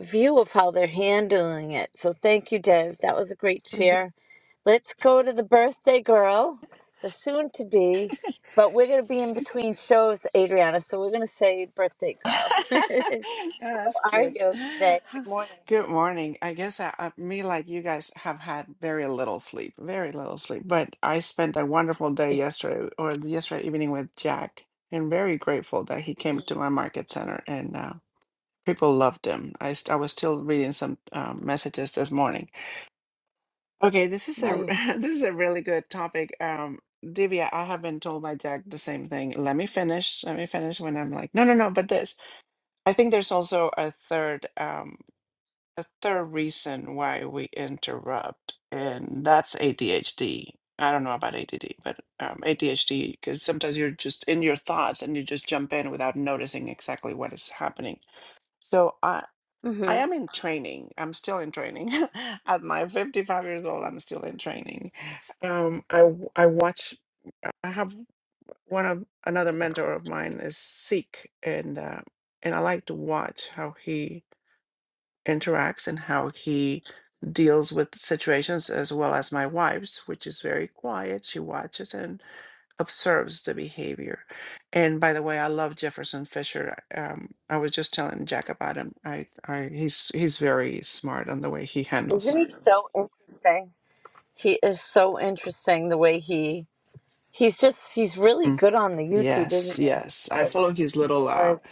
[SPEAKER 1] view of how they're handling it. So, thank you, Dev. That was a great share. Let's go to the birthday girl, the soon to be, but we're going to be in between shows, Adriana. So, we're going to say birthday girl. (laughs)
[SPEAKER 10] (laughs) Yeah, that's
[SPEAKER 1] how are
[SPEAKER 10] cute. (sighs)
[SPEAKER 1] you today? Good
[SPEAKER 10] (laughs)
[SPEAKER 1] morning.
[SPEAKER 10] Good morning. I guess I, I, me, like you guys, have had very little sleep, very little sleep. But I spent a wonderful day yesterday or yesterday evening with Jack, and very grateful that he came to my market center and uh, people loved him. I, st- I was still reading some um, messages this morning. Okay, this is a (laughs)
[SPEAKER 1] Nice.
[SPEAKER 10] this is a really good topic. Um, Divya, I have been told by Jack the same thing. Let me finish. Let me finish when I'm like, no, no, no, but this. I think there's also a third um, a third reason why we interrupt, and that's ADHD. I don't know about ADD, but um, ADHD because sometimes you're just in your thoughts and you just jump in without noticing exactly what is happening. So I
[SPEAKER 1] hmm
[SPEAKER 10] I am in training. I'm still in training. (laughs) At my 55 years old, I'm still in training. Um, I w- I watch. I have one of another mentor of mine is Sikh, and uh, and I like to watch how he interacts and how he deals with situations, as well as my wife's, which is very quiet. She watches and observes the behavior. And by the way, I love Jefferson Fisher. Um, I was just telling Jack about him. I, I he's he's very smart on the way he handles.
[SPEAKER 1] Isn't he so interesting? He is so interesting the way he He's just he's really
[SPEAKER 10] Mm,
[SPEAKER 1] good on the YouTube, isn't
[SPEAKER 10] Yes, yes.
[SPEAKER 1] he?
[SPEAKER 10] I
[SPEAKER 1] Like,
[SPEAKER 10] follow his little uh,
[SPEAKER 1] there-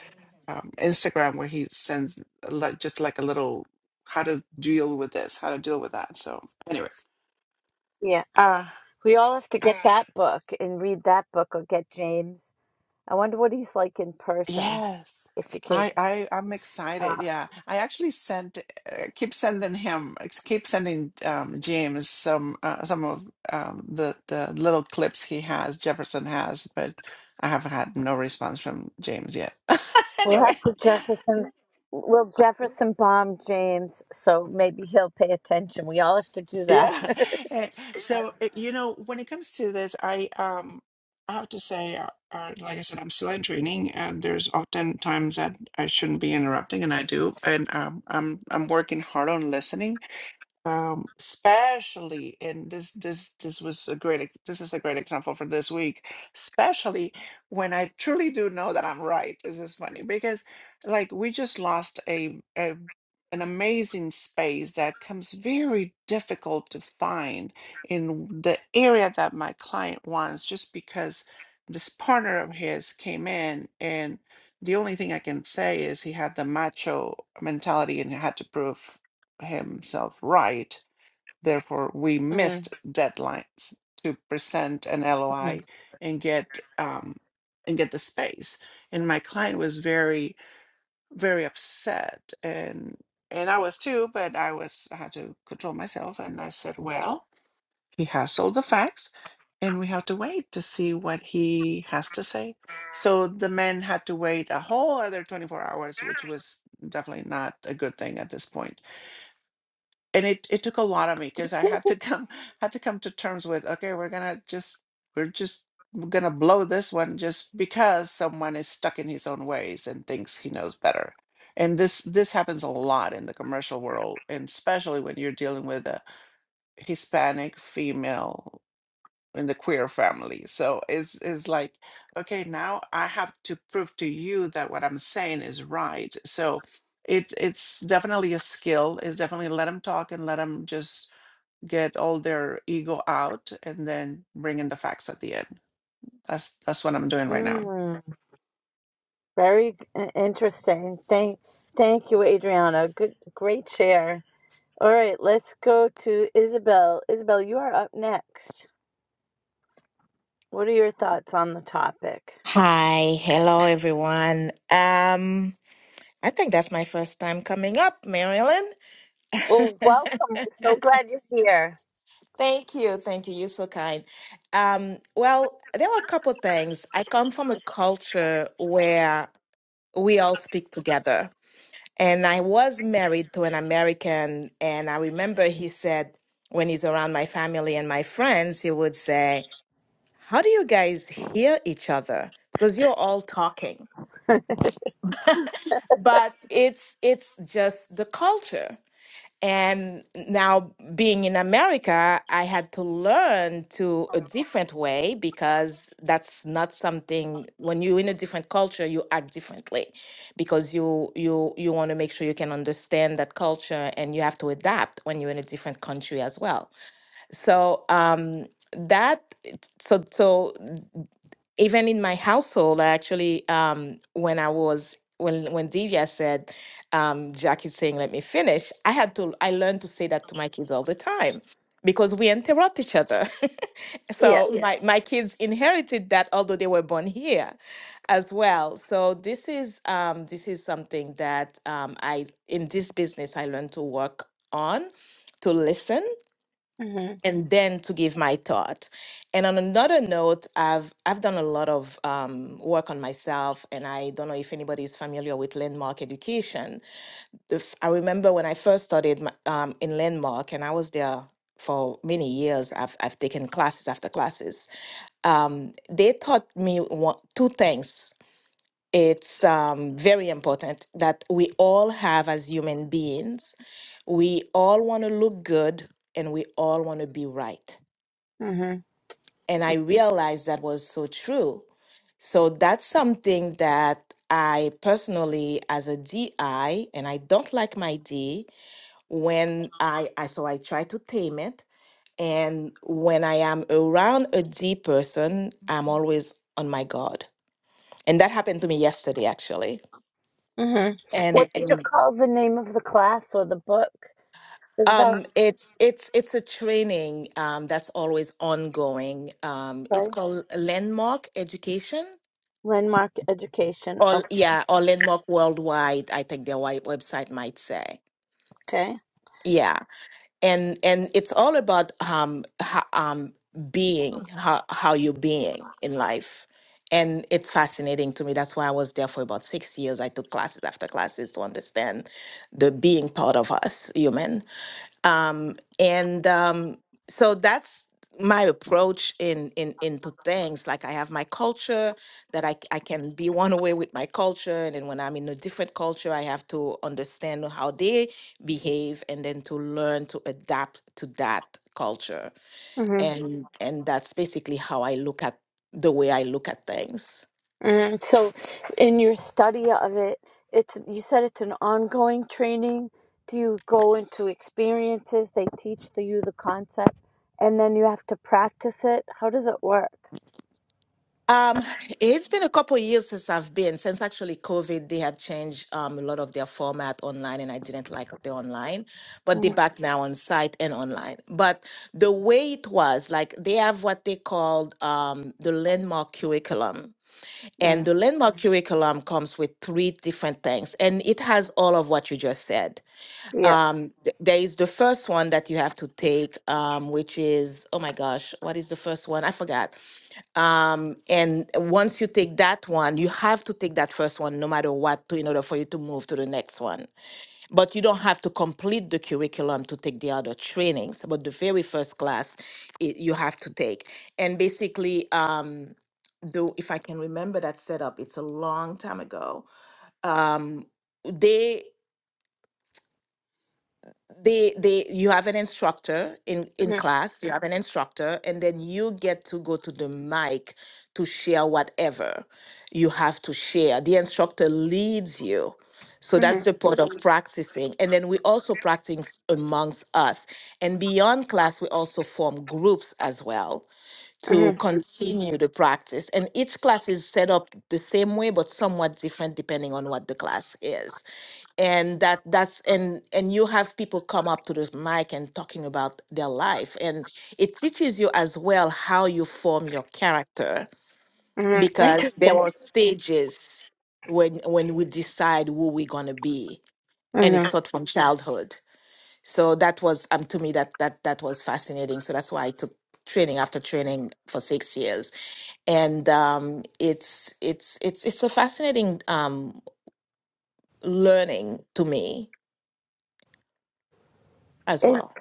[SPEAKER 10] um, Instagram where he sends like just like a little how to deal with this, how to deal with that. So anyway,
[SPEAKER 1] yeah,
[SPEAKER 10] uh,
[SPEAKER 1] we all have to get that book and read that book or get James. I wonder what he's like in person.
[SPEAKER 10] yes,
[SPEAKER 1] If you can,
[SPEAKER 10] I I I'm excited.
[SPEAKER 1] uh,
[SPEAKER 10] Yeah, I actually sent uh, keep sending him ex- keep sending um, James some uh, some of um, the the little clips he has Jefferson has, but I have had no response from James yet. (laughs)
[SPEAKER 1] we'll
[SPEAKER 10] anyway.
[SPEAKER 1] have to Jefferson. will Jefferson bomb James, so maybe he'll pay attention. We all have to do that.
[SPEAKER 10] Yeah.
[SPEAKER 1] (laughs)
[SPEAKER 10] (laughs) Eh, So, eh, you know, when it comes to this, I um I have to say, uh, uh, like I said, I'm still in training, and there's often times that I shouldn't be interrupting, and I do, and um, I'm I'm working hard on listening um especially and this this this was a great ex- this is a great example for this week especially when i truly do know that i'm right this is funny because like we just lost a, a an amazing space that comes very difficult to find in the area that my client wants just because this partner of his came in and the only thing i can say is he had the macho mentality and had to prove himself right. Therefore, we
[SPEAKER 1] mm
[SPEAKER 10] missed deadlines to present an
[SPEAKER 1] mm.
[SPEAKER 10] LOI and get um, and get the space. And my client was very very upset, and and I was too. But I was I had to control myself, and I said, well, he has all the facts. And we have to wait to see what he has to say. So the man had to wait a whole other 24 hours, which was definitely not a good thing at this point and it it took a lot of me because I had to come (laughs) had to come to terms with okay, we're gonna just we're just gonna blow this one just because someone is stuck in his own ways and thinks he knows better. And this this happens a lot in the commercial world, and especially when you're dealing with a Hispanic female in the queer family. So it's it's like, okay, now I have to prove to you that what I'm saying is right. So it it's definitely a skill. It's definitely let them talk and let them just get all their ego out and then bring in the facts at the end. That's that's what I'm doing right now.
[SPEAKER 1] mm. Very uh, interesting. Thank, thank you, Adriana. Good, great share. All right, let's go to Isabel. Isabel, you are up next. What are your thoughts on the topic?
[SPEAKER 11] Hi, hello everyone. Um, I think that's my first time coming up, Marilyn. (laughs)
[SPEAKER 1] Well, welcome. We're so glad you're here.
[SPEAKER 11] Thank you, thank you. You're so kind. Um, well, there were a couple things. I come from a culture where we all speak together, and I was married to an American, and I remember he said when he's around my family and my friends, he would say, "How do you guys hear each other? Because you're all talking."
[SPEAKER 1] (laughs)
[SPEAKER 11] but it's it's just the culture and now being in america i had to learn to a different way because that's not something when you're in a different culture you act differently because you you you want to make sure you can understand that culture and you have to adapt when you're in a different country as well so um that so so even in my household, I actually, um, when I was when when Divya said, um, Jackie's saying, "Let me finish," I had to. I learned to say that to my kids all the time because we interrupt each other. (laughs)
[SPEAKER 1] Yeah.
[SPEAKER 11] so Yeah. my my kids inherited that, although they were born here as well. So this is um, this is something that um, I in this business I learned to work on. To listen
[SPEAKER 1] Mhm.
[SPEAKER 11] and then to give my thought. And on another note, I've I've done a lot of um, work on myself, and I don't know if anybody is familiar with landmark education. The f- I remember when I first studied my, um, in landmark, and I was there for many years. I've I've taken classes after classes. Um, they taught me one, two things. It's um, very important that we all have as human beings. We all want to look good, and we all want to be right
[SPEAKER 1] Mhm.
[SPEAKER 11] and I realized that was so true. So that's something that I personally, as a DI, and I don't like my D when I, I so I try to tame it. And when I am around a D person, I'm always on my guard. And that happened to me yesterday, actually.
[SPEAKER 1] Mhm.
[SPEAKER 11] And,
[SPEAKER 1] What did you
[SPEAKER 11] and
[SPEAKER 1] call the name of the class or the book? Isabel,
[SPEAKER 11] um, it's it's it's a training um, that's always ongoing. Um, it's
[SPEAKER 1] right?
[SPEAKER 11] called Landmark Education
[SPEAKER 1] Landmark education.
[SPEAKER 11] All
[SPEAKER 1] Okay.
[SPEAKER 11] yeah, or landmark worldwide, I think their wi- website might say.
[SPEAKER 1] Okay.
[SPEAKER 11] Yeah. And and it's all about um ho- um being how how you're being in life. And it's fascinating to me. That's why I was there for about six years. I took classes after classes to understand the being part of us, human um, and um, so that's my approach in in into things like i have my culture that I, c- I can be one way with my culture and then when i'm in a different culture i have to understand how they behave and then to learn to adapt to that culture
[SPEAKER 1] Mhm.
[SPEAKER 11] and Mhm. and that's basically how i look at the way i look at things
[SPEAKER 1] Mhm. So, in your study of it, it's you said it's an ongoing training. Do you go into experiences? They teach the, you the concept, and then you have to practice it. How does it work?
[SPEAKER 11] Um, it's been a couple years since I've been, since actually COVID, they had changed um, a lot of their format online, and I didn't like the online, but they're
[SPEAKER 1] Mm-hmm.
[SPEAKER 11] back now on site and online. But the way it was, like they have what they called um, the landmark curriculum. And
[SPEAKER 1] mm-hmm,
[SPEAKER 11] the landmark Mhm. curriculum comes with three different things, and it has all of what you just said.
[SPEAKER 1] Yeah.
[SPEAKER 11] Um, th- there is the first one that you have to take, um, which is, oh my gosh, what is the first one? I forgot um and once you take that one you have to take that first one no matter what to in order for you to move to the next one but you don't have to complete the curriculum to take the other trainings but the very first class it, you have to take and basically um though if i can remember that setup it's a long time ago um they they they you have an instructor in in class you have an instructor and then you get to go to the mic to share whatever you have to share the instructor leads you so
[SPEAKER 1] Mhm.
[SPEAKER 11] that's the part of Mhm. practicing and then we also practice amongst us and beyond class we also form groups as well to Mhm.
[SPEAKER 1] Mm-hmm.
[SPEAKER 11] continue the practice and each class is set up the same way but somewhat different depending on what the class is and that that's and and you have people come up to this mic and talking about their life and it teaches you as well how you form your character
[SPEAKER 1] Mm-hmm.
[SPEAKER 11] because there
[SPEAKER 1] Interesting.
[SPEAKER 11] are stages when when we decide who we're going to be and it
[SPEAKER 1] Mm-hmm.
[SPEAKER 11] starts from childhood so that was um to me that that that was fascinating so that's why i took training after training for six years and um it's it's it's it's a fascinating um learning to me as well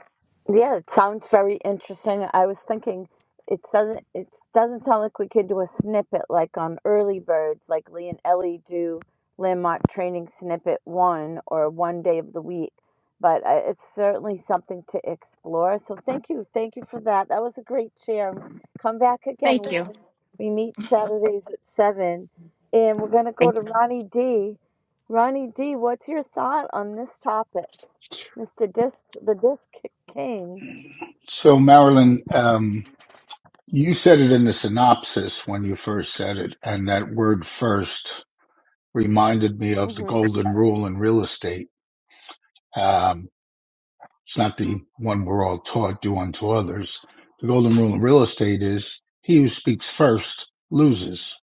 [SPEAKER 1] Yeah, it sounds very interesting. I was thinking it doesn't it doesn't sound like we could do a snippet like on early birds, like Lee and Ellie do landmark training snippet one or one day of the week. But I, it's certainly something to explore. So thank you, thank you for that. That was a great share. Come back again.
[SPEAKER 11] thank
[SPEAKER 1] We
[SPEAKER 11] you
[SPEAKER 1] meet, we meet Saturdays at seven, and we're gonna go to Ronnie D. Ronnie D, what's your thought on this topic, Mister Disc, the Disc King?
[SPEAKER 12] So, Marilyn, um, you said it in the synopsis when you first said it, and that word first reminded me of the
[SPEAKER 1] Mhm.
[SPEAKER 12] golden rule in real estate. Um, it's not the one we're all taught, do unto others. The golden rule in real estate is he who speaks first loses.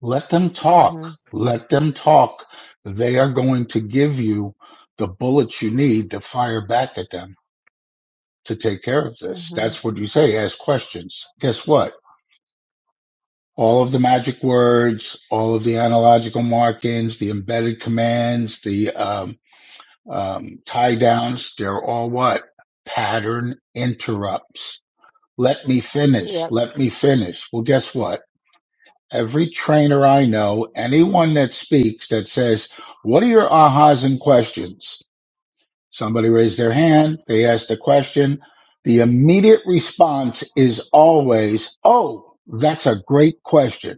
[SPEAKER 12] Let them talk.
[SPEAKER 1] Mhm.
[SPEAKER 12] Let them talk. They are going to give you the bullets you need to fire back at them to take care of this.
[SPEAKER 1] Mhm.
[SPEAKER 12] That's what you say. Ask questions. Guess what? all of the magic words, all of the analogical markings, the embedded commands, the um, um, tie downs, they're all what? Pattern interrupts. Let me finish.
[SPEAKER 1] Yep.
[SPEAKER 12] Let me finish. Well, guess what? Every trainer I know, anyone that speaks that says, what are your ahas and questions? Somebody raised their hand. They asked a question. The immediate response is always, Oh, that's a great question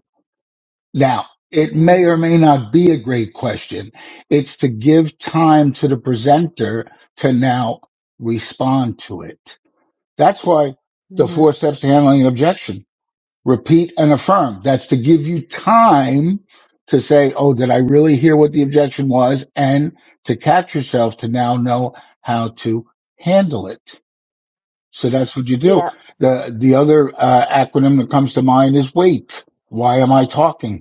[SPEAKER 12] now, it may or
[SPEAKER 1] Mhm.
[SPEAKER 12] may not be a great question. It's to give time to the presenter to now respond to it. That's why the four
[SPEAKER 1] Mhm.
[SPEAKER 12] steps to handling an objection. Repeat and affirm. That's to give you time to say, Oh, did I really hear what the objection was? And to catch yourself to now know how to handle it. So that's what you do.
[SPEAKER 1] Yep.
[SPEAKER 12] The, the other uh, acronym that comes to mind is wait. Why am I talking?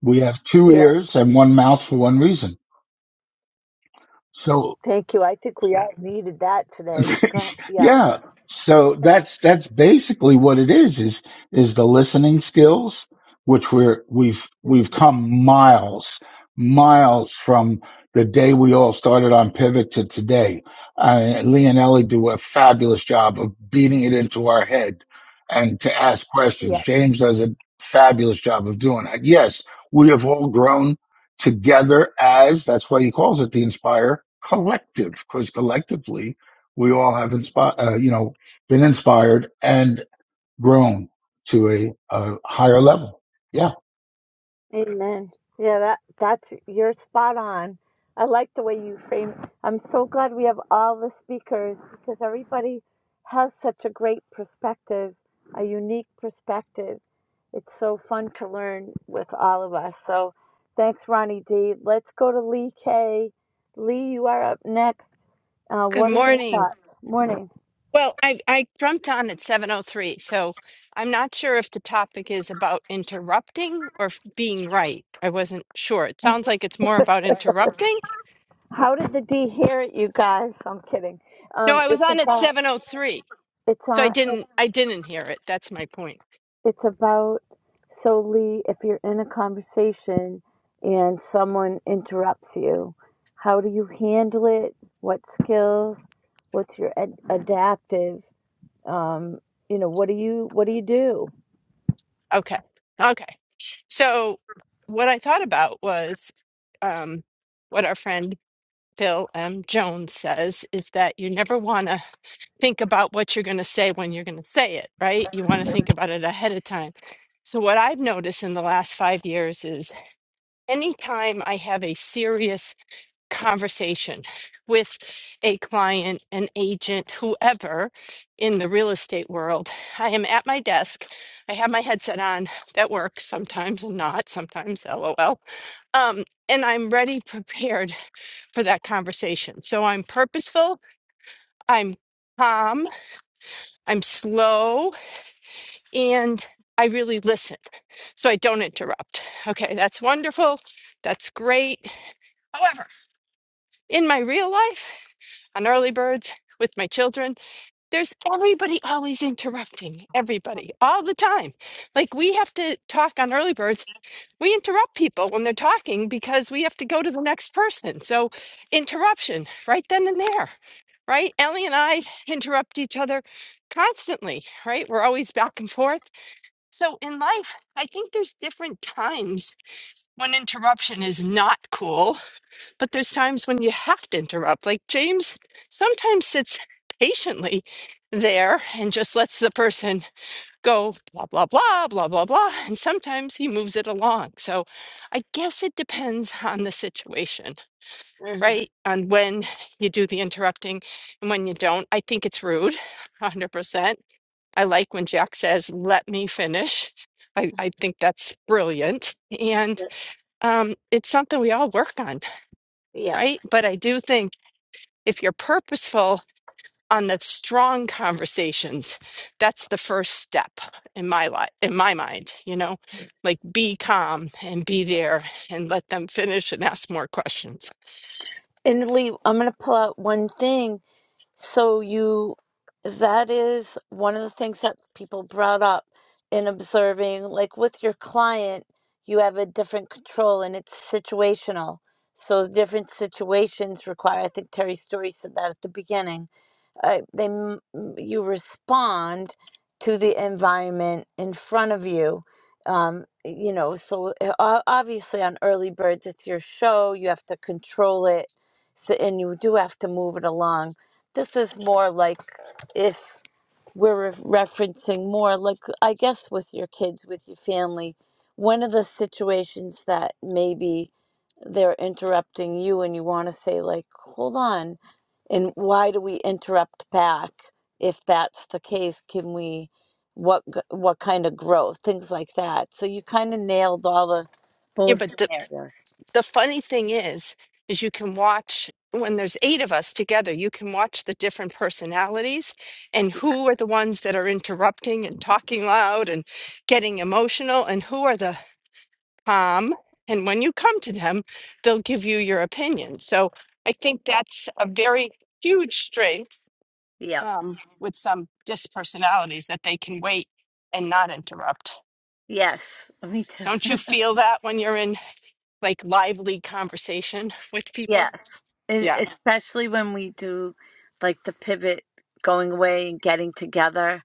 [SPEAKER 12] We have two
[SPEAKER 1] Yep.
[SPEAKER 12] ears and one mouth for one reason. So
[SPEAKER 1] Thank you. I think we all needed that today. Go ahead. Yeah.
[SPEAKER 12] Yeah. So that's that's basically what it is is is the listening skills which we're we've we've come miles miles from the day we all started on pivot to today. Uh, Lee and Ellie do a fabulous job of beating it into our head and to ask questions.
[SPEAKER 1] Yeah.
[SPEAKER 12] James does a fabulous job of doing that. Yes, we have all grown together as that's why he calls it the Inspire Collective because collectively we all have inspired, uh, you know, been inspired and grown to a, a higher level. Yeah.
[SPEAKER 1] Amen. Yeah, that that's you're spot on. I like the way you frame. it. I'm so glad we have all the speakers because everybody has such a great perspective, a unique perspective. It's so fun to learn with all of us. So, thanks, Ronnie D. Let's go to Lee K. Lee, you are up next. Uh,
[SPEAKER 13] Good
[SPEAKER 1] what are your
[SPEAKER 13] morning.
[SPEAKER 1] thoughts? Morning.
[SPEAKER 13] Well, I, I jumped on at 7:03, so I'm not sure if the topic is about interrupting or f- being right. I wasn't sure. It sounds like it's more about interrupting.
[SPEAKER 1] How did the D hear it, you guys? I'm kidding.
[SPEAKER 13] No,
[SPEAKER 1] Um,
[SPEAKER 13] I was
[SPEAKER 1] it's
[SPEAKER 13] on at
[SPEAKER 1] about.
[SPEAKER 13] 7:03,
[SPEAKER 1] It's
[SPEAKER 13] so I
[SPEAKER 1] on.
[SPEAKER 13] didn't I didn't hear it. That's my point.
[SPEAKER 1] it's about solely if you're in a conversation and someone interrupts you, how do you handle it? What skills? What's your ad- adaptive? Um, you know, what do you what do you do?
[SPEAKER 13] Okay. Okay. So what I thought about was um, what our friend Phil M. Jones says is that you never want to think about what you're going to say when you're going to say it, right? You want to think about it ahead of time. So, what I've noticed in the last five years is anytime I have a serious conversation with a client, an agent, whoever in the real estate world, I am at my desk. I have my headset on. That works sometimes and not sometimes, lol. Um, and I'm ready, prepared for that conversation. So, I'm purposeful, I'm calm, I'm slow, and I really listen. So I don't interrupt. Okay, that's wonderful. That's great. However, in my real life, on early birds with my children, there's everybody always interrupting everybody all the time. Like we have to talk on early birds. We interrupt people when they're talking because we have to go to the next person. So interruption right then and there, right? Ellie and I interrupt each other constantly, right? We're always back and forth so in life, I think there's different times when interruption is not cool, but there's times when you have to interrupt. Like James sometimes sits patiently there and just lets the person go blah blah blah blah blah blah and sometimes he moves it along. So I guess it depends on the situation, right? On when you do the interrupting and when you don't. I think it's rude (laughs) 100%. I like when Jack says, let me finish. I, I think that's brilliant. And um, it's something we all work on,
[SPEAKER 1] Yep.
[SPEAKER 13] right? But I do think if you're purposeful on the strong conversations, that's the first step in my life, in my mind, you know, like be calm and be there and let them finish and ask more questions.
[SPEAKER 1] And Lee, I'm going to pull out one thing So you, that is one of the things that people brought up in observing, like with your client, you have a different control and it's situational. So different situations require, I think Terry Story said that at the beginning. Uh, they, m- m- you respond to the environment in front of you. Um, you know, so uh, o- obviously on Early Birds, it's your show. You have to control it, so, and you do have to move it along this is more like if we're referencing more like I guess with your kids, with your family, one of the situations that maybe they're interrupting you and you want to say like, "Hold on." And why do we interrupt back? If that's the case, can we what g- what kind of growth, things like that. So you kind of nailed all the
[SPEAKER 13] Yeah,
[SPEAKER 1] both
[SPEAKER 13] but
[SPEAKER 1] scenarios.
[SPEAKER 13] the funny thing is is you can watch when there's eight of us together you can watch the different personalities and
[SPEAKER 1] Yeah.
[SPEAKER 13] who are the ones that are interrupting and talking loud and getting emotional and who are the calm and when you come to them they'll give you your opinion so i think that's a very huge strength
[SPEAKER 1] Yep.
[SPEAKER 13] um, with some dispersonalities that they can wait and not interrupt
[SPEAKER 1] Yes. (laughs) Me too.
[SPEAKER 13] don't you feel that when you're in like lively conversation with people
[SPEAKER 1] Yes, E-
[SPEAKER 13] Yeah.
[SPEAKER 1] especially when we do like the pivot going away and getting together.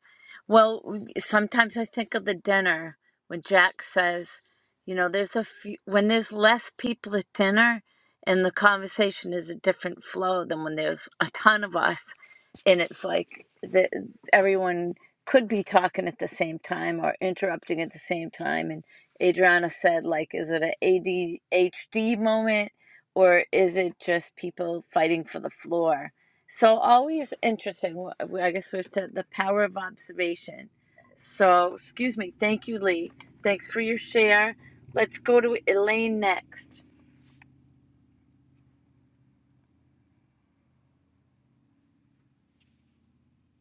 [SPEAKER 1] Well, w- sometimes I think of the dinner when Jack says, you know, there's a few, when there's less people at dinner and the conversation is a different flow than when there's a ton of us and it's like the, everyone could be talking at the same time or interrupting at the same time. And Adriana said, like, is it an ADHD moment? or is it just people fighting for the floor? So always interesting. Wh- I guess we have to the power of observation. So excuse me. Thank you, Lee. Thanks for your share. Let's go to Elaine next.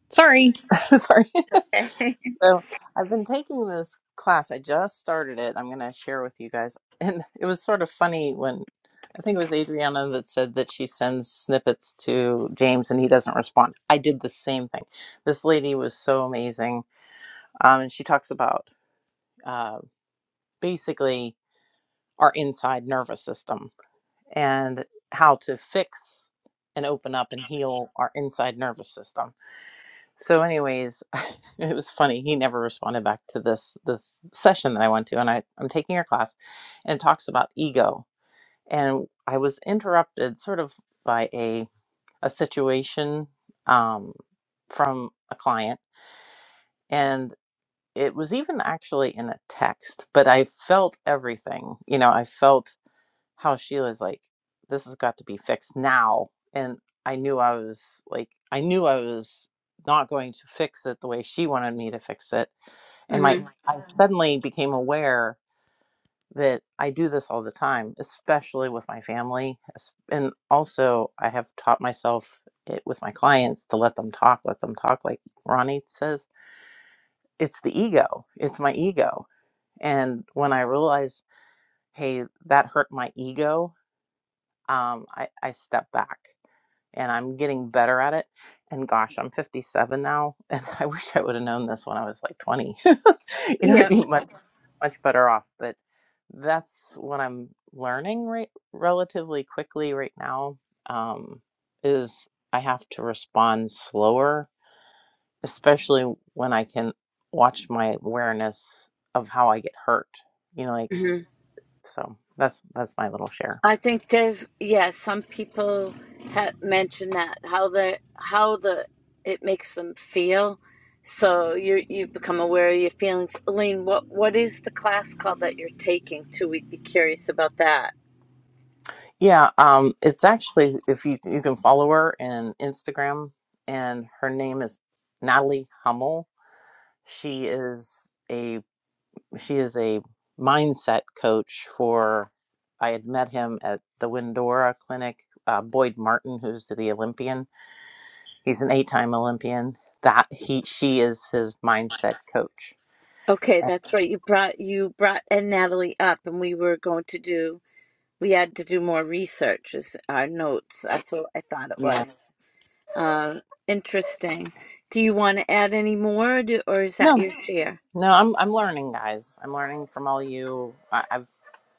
[SPEAKER 14] Sorry. (laughs) Sorry.
[SPEAKER 1] Okay. (laughs)
[SPEAKER 14] So I've been taking this class. I just started it. I'm going to share with you guys. And it was sort of funny when I think it was Adriana that said that she sends snippets to James and he doesn't respond. I did the same thing. This lady was so amazing. Um, and she talks about uh, basically our inside nervous system and how to fix and open up and heal our inside nervous system So, anyways, (laughs) it was funny. He never responded back to this this session that I went to, and I, I'm taking your class, and it talks about ego. And I was interrupted sort of by a a situation um, from a client, and it was even actually in a text. But I felt everything. You know, I felt how she was like, this has got to be fixed now. And I knew I was like, I knew I was not going to fix it the way she wanted me to fix it. And my,
[SPEAKER 1] hmm
[SPEAKER 14] I Mhm. suddenly became aware that I do this all the time, especially with my family. es- And also, I have taught myself it with my clients to let them talk, let them talk. Like Ronnie says, it's the ego, it's my ego. And when I realized, hey, that hurt my ego um, I, I step back and I'm getting better at it. And gosh, I'm 57 now, and (laughs) I wish I would have known this when I was like 20. (laughs) you know, I'd
[SPEAKER 1] Yeah.
[SPEAKER 14] be much much better off. But that's what I'm learning right relatively quickly right now. Um, is I have to respond slower, especially when I can watch my awareness of how I get hurt. You know, like
[SPEAKER 1] Mm-hmm.
[SPEAKER 14] so. That's that's my little share.
[SPEAKER 1] I think they've yeah. Some people have mentioned that how the how the it makes them feel. So you you become aware of your feelings. Elaine, what what is the class called that you're taking too? We'd be curious about that.
[SPEAKER 14] Yeah, um, it's actually if you you can follow her in Instagram, and her name is Natalie Hummel. She is a she is a mindset coach for. I had met him at the Windora Clinic. Uh, Boyd Martin, who's the Olympian, he's an eight-time Olympian. That he she is his mindset coach.
[SPEAKER 1] Okay,
[SPEAKER 14] And,
[SPEAKER 1] that's right. You brought you brought and Natalie up, and we were going to do. We had to do more research as our notes. That's what I thought it
[SPEAKER 14] Yeah.
[SPEAKER 1] was. Uh, interesting. Do you want to add any more, or, do, or is that
[SPEAKER 14] No.
[SPEAKER 1] your share?
[SPEAKER 14] No, I'm I'm learning, guys. I'm learning from all you. I, I've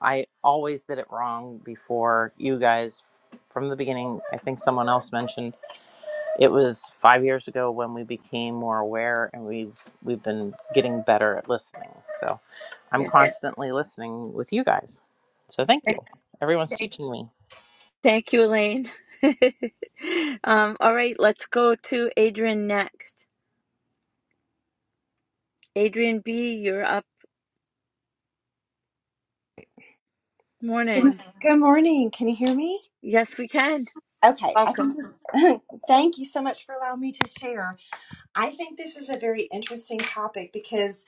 [SPEAKER 14] I always did it wrong before you guys from the beginning. I think someone else mentioned it was five years ago when we became more aware, and we've we've been getting better at listening. So I'm
[SPEAKER 1] Yeah.
[SPEAKER 14] constantly listening with you guys. So thank you. Everyone's teaching me.
[SPEAKER 1] Thank you, Elaine. (laughs) um, all right, let's go to Adrian next. Adrian B, you're up.
[SPEAKER 15] Good
[SPEAKER 1] Morning.
[SPEAKER 15] morning. Can you hear me?
[SPEAKER 1] Yes, we can.
[SPEAKER 15] Okay. I
[SPEAKER 1] Welcome.
[SPEAKER 15] think this, (laughs) thank you so much for allowing me to share. I think this is a very interesting topic because,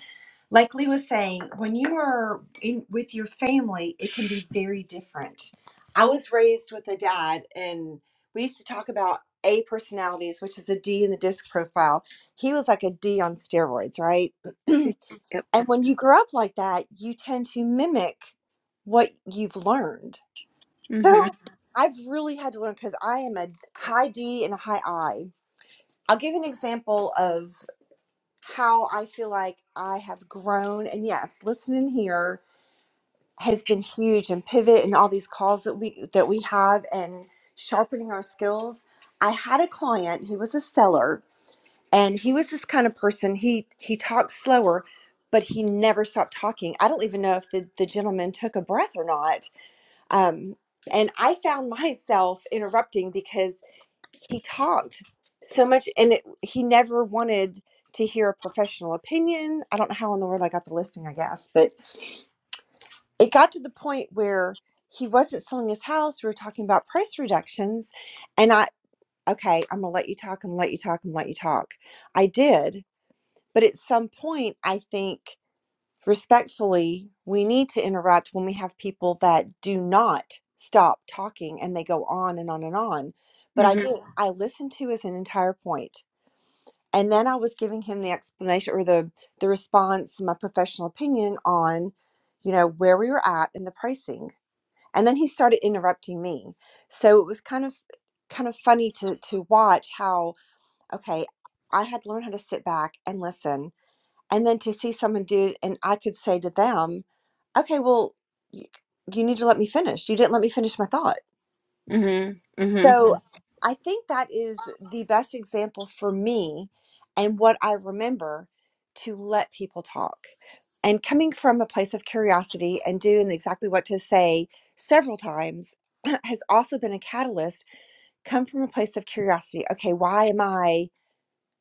[SPEAKER 15] like Lee was saying, when you are in, with your family, it can be very different. I was raised with a dad, and we used to talk about A personalities, which is the D in the disc profile. He was like a D on steroids, right? (clears throat)
[SPEAKER 1] We-
[SPEAKER 15] and
[SPEAKER 1] Yep.
[SPEAKER 15] when you grow up like that, you tend to mimic what you've learned
[SPEAKER 1] Mhm.
[SPEAKER 15] So I've really had to learn because I am a high D and a high I. I'll give you an example of how I feel like I have grown. And yes, listening here has been huge and pivot and all these calls that we that we have and sharpening our skills. I had a client, he was a seller, and he was this kind of person. He he talked slower, but he never stopped talking. I don't even know if the, the gentleman took a breath or not um, and I found myself interrupting because he talked so much and it, he never wanted to hear a professional opinion. I don't know how in the world I got the listing, I guess, but it got to the point where he wasn't selling his house. We were talking about price reductions. And I, okay, I'm going to let you talk. I'm going to let you talk. I'm going to let you talk. I did. But at some point, I think respectfully, we need to interrupt when we have people that do not stop talking and they go on and on and on. But I
[SPEAKER 1] Mhm.
[SPEAKER 15] did, I listened to his entire point, And then I was giving him the explanation or the, the response, my professional opinion on, you know, where we were at and the pricing. And then he started interrupting me. So it was kind of kind of funny to to watch how, okay, I had to learn how to sit back and listen and then to see someone do it and i could say to them okay well you, you need to let me finish you didn't let me finish my thought
[SPEAKER 1] Mhm. Mhm.
[SPEAKER 15] so Mhm. i think that is the best example for me and what i remember to let people talk and coming from a place of curiosity and doing exactly what to say several times (clears throat) has also been a catalyst come from a place of curiosity okay why am i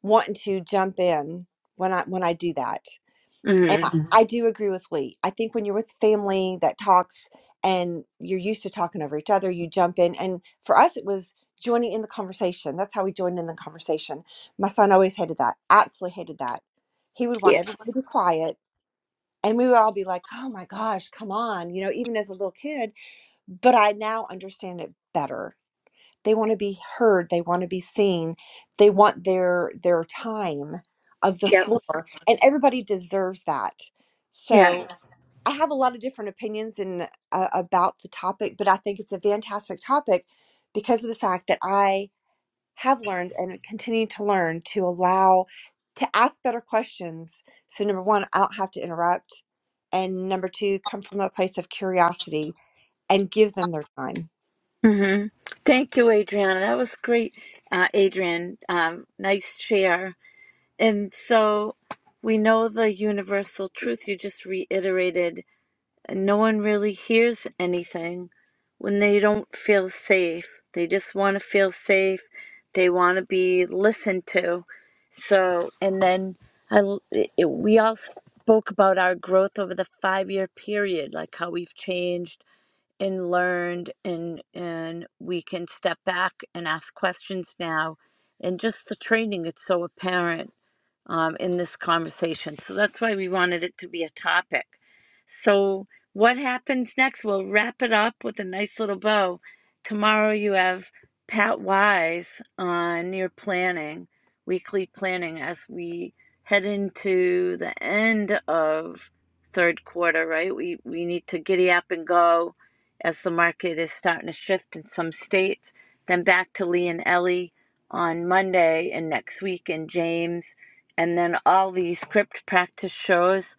[SPEAKER 15] wanting to jump in when i when i do that and I,
[SPEAKER 1] Mhm.
[SPEAKER 15] Mhm. I do agree with Lee. I think when you're with family that talks and you're used to talking over each other, you jump in. And for us, it was joining in the conversation. That's how we joined in the conversation. My son always hated that, absolutely hated that. He would want
[SPEAKER 1] Yeah.
[SPEAKER 15] everyone to be quiet. And we would all be like, oh my gosh, come on, you know, even as a little kid. But I now understand it better they want to be heard they want to be seen they want their their time of the
[SPEAKER 1] Yep.
[SPEAKER 15] floor and everybody deserves that so
[SPEAKER 1] Yes.
[SPEAKER 15] i have a lot of different opinions in uh, about the topic but i think it's a fantastic topic because of the fact that i have learned and continue to learn to allow to ask better questions so number one i don't have to interrupt and number two come from a place of curiosity and give them their time
[SPEAKER 1] Mhm. Thank you, Adriana. That was great, uh, Adrian. Um, nice share. And so we know the universal truth you just reiterated and no one really hears anything when they don't feel safe. They just want to feel safe. They want to be listened to. So, and then I, l- it, it- we all spoke about our growth over the five year period, like how we've changed and learned, and and we can step back and ask questions now, and just the training. It's so apparent um, in this conversation. So that's why we wanted it to be a topic. So, what happens next? We'll wrap it up with a nice little bow. Tomorrow, you have Pat Wise on your planning, weekly planning, as we head into the end of third quarter, right? We, we need to giddy up and go as the market is starting to shift in some states. Then back to Lee and Ellie on Monday and next week, and James and then all the script practice shows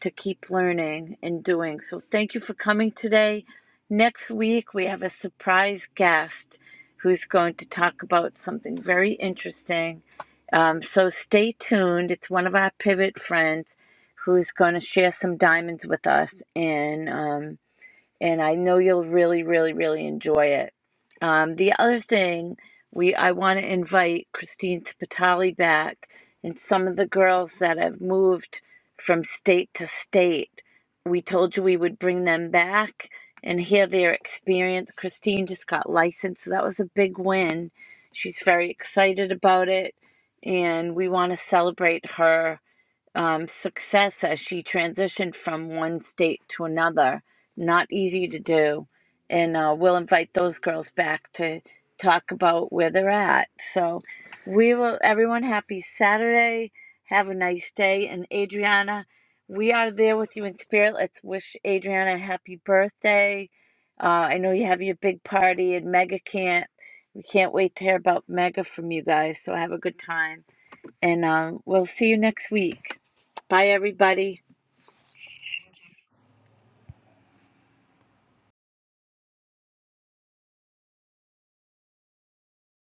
[SPEAKER 1] to keep learning and doing. So thank you for coming today. Next week, we have a surprise guest who's going to talk about something very interesting. Um, so stay tuned. It's one of our pivot friends who's going to share some diamonds with us. And um, and I know you'll really, really, really enjoy it. Um, the other thing we I want to invite Christine Patali back and some of the girls that have moved from state to state. We told you we would bring them back and hear their experience. Christine just got licensed, so that was a big win. She's very excited about it, and we want to celebrate her um, success as she transitioned from one state to another. Not easy to do. And uh, we'll invite those girls back to talk about where they're at. So we will, everyone, happy Saturday. Have a nice day. And Adriana, we are there with you in spirit. Let's wish Adriana a happy birthday. Uh, I know you have your big party and Mega can't. We can't wait to hear about Mega from you guys. So have a good time and um, we'll see you next week. Bye, everybody.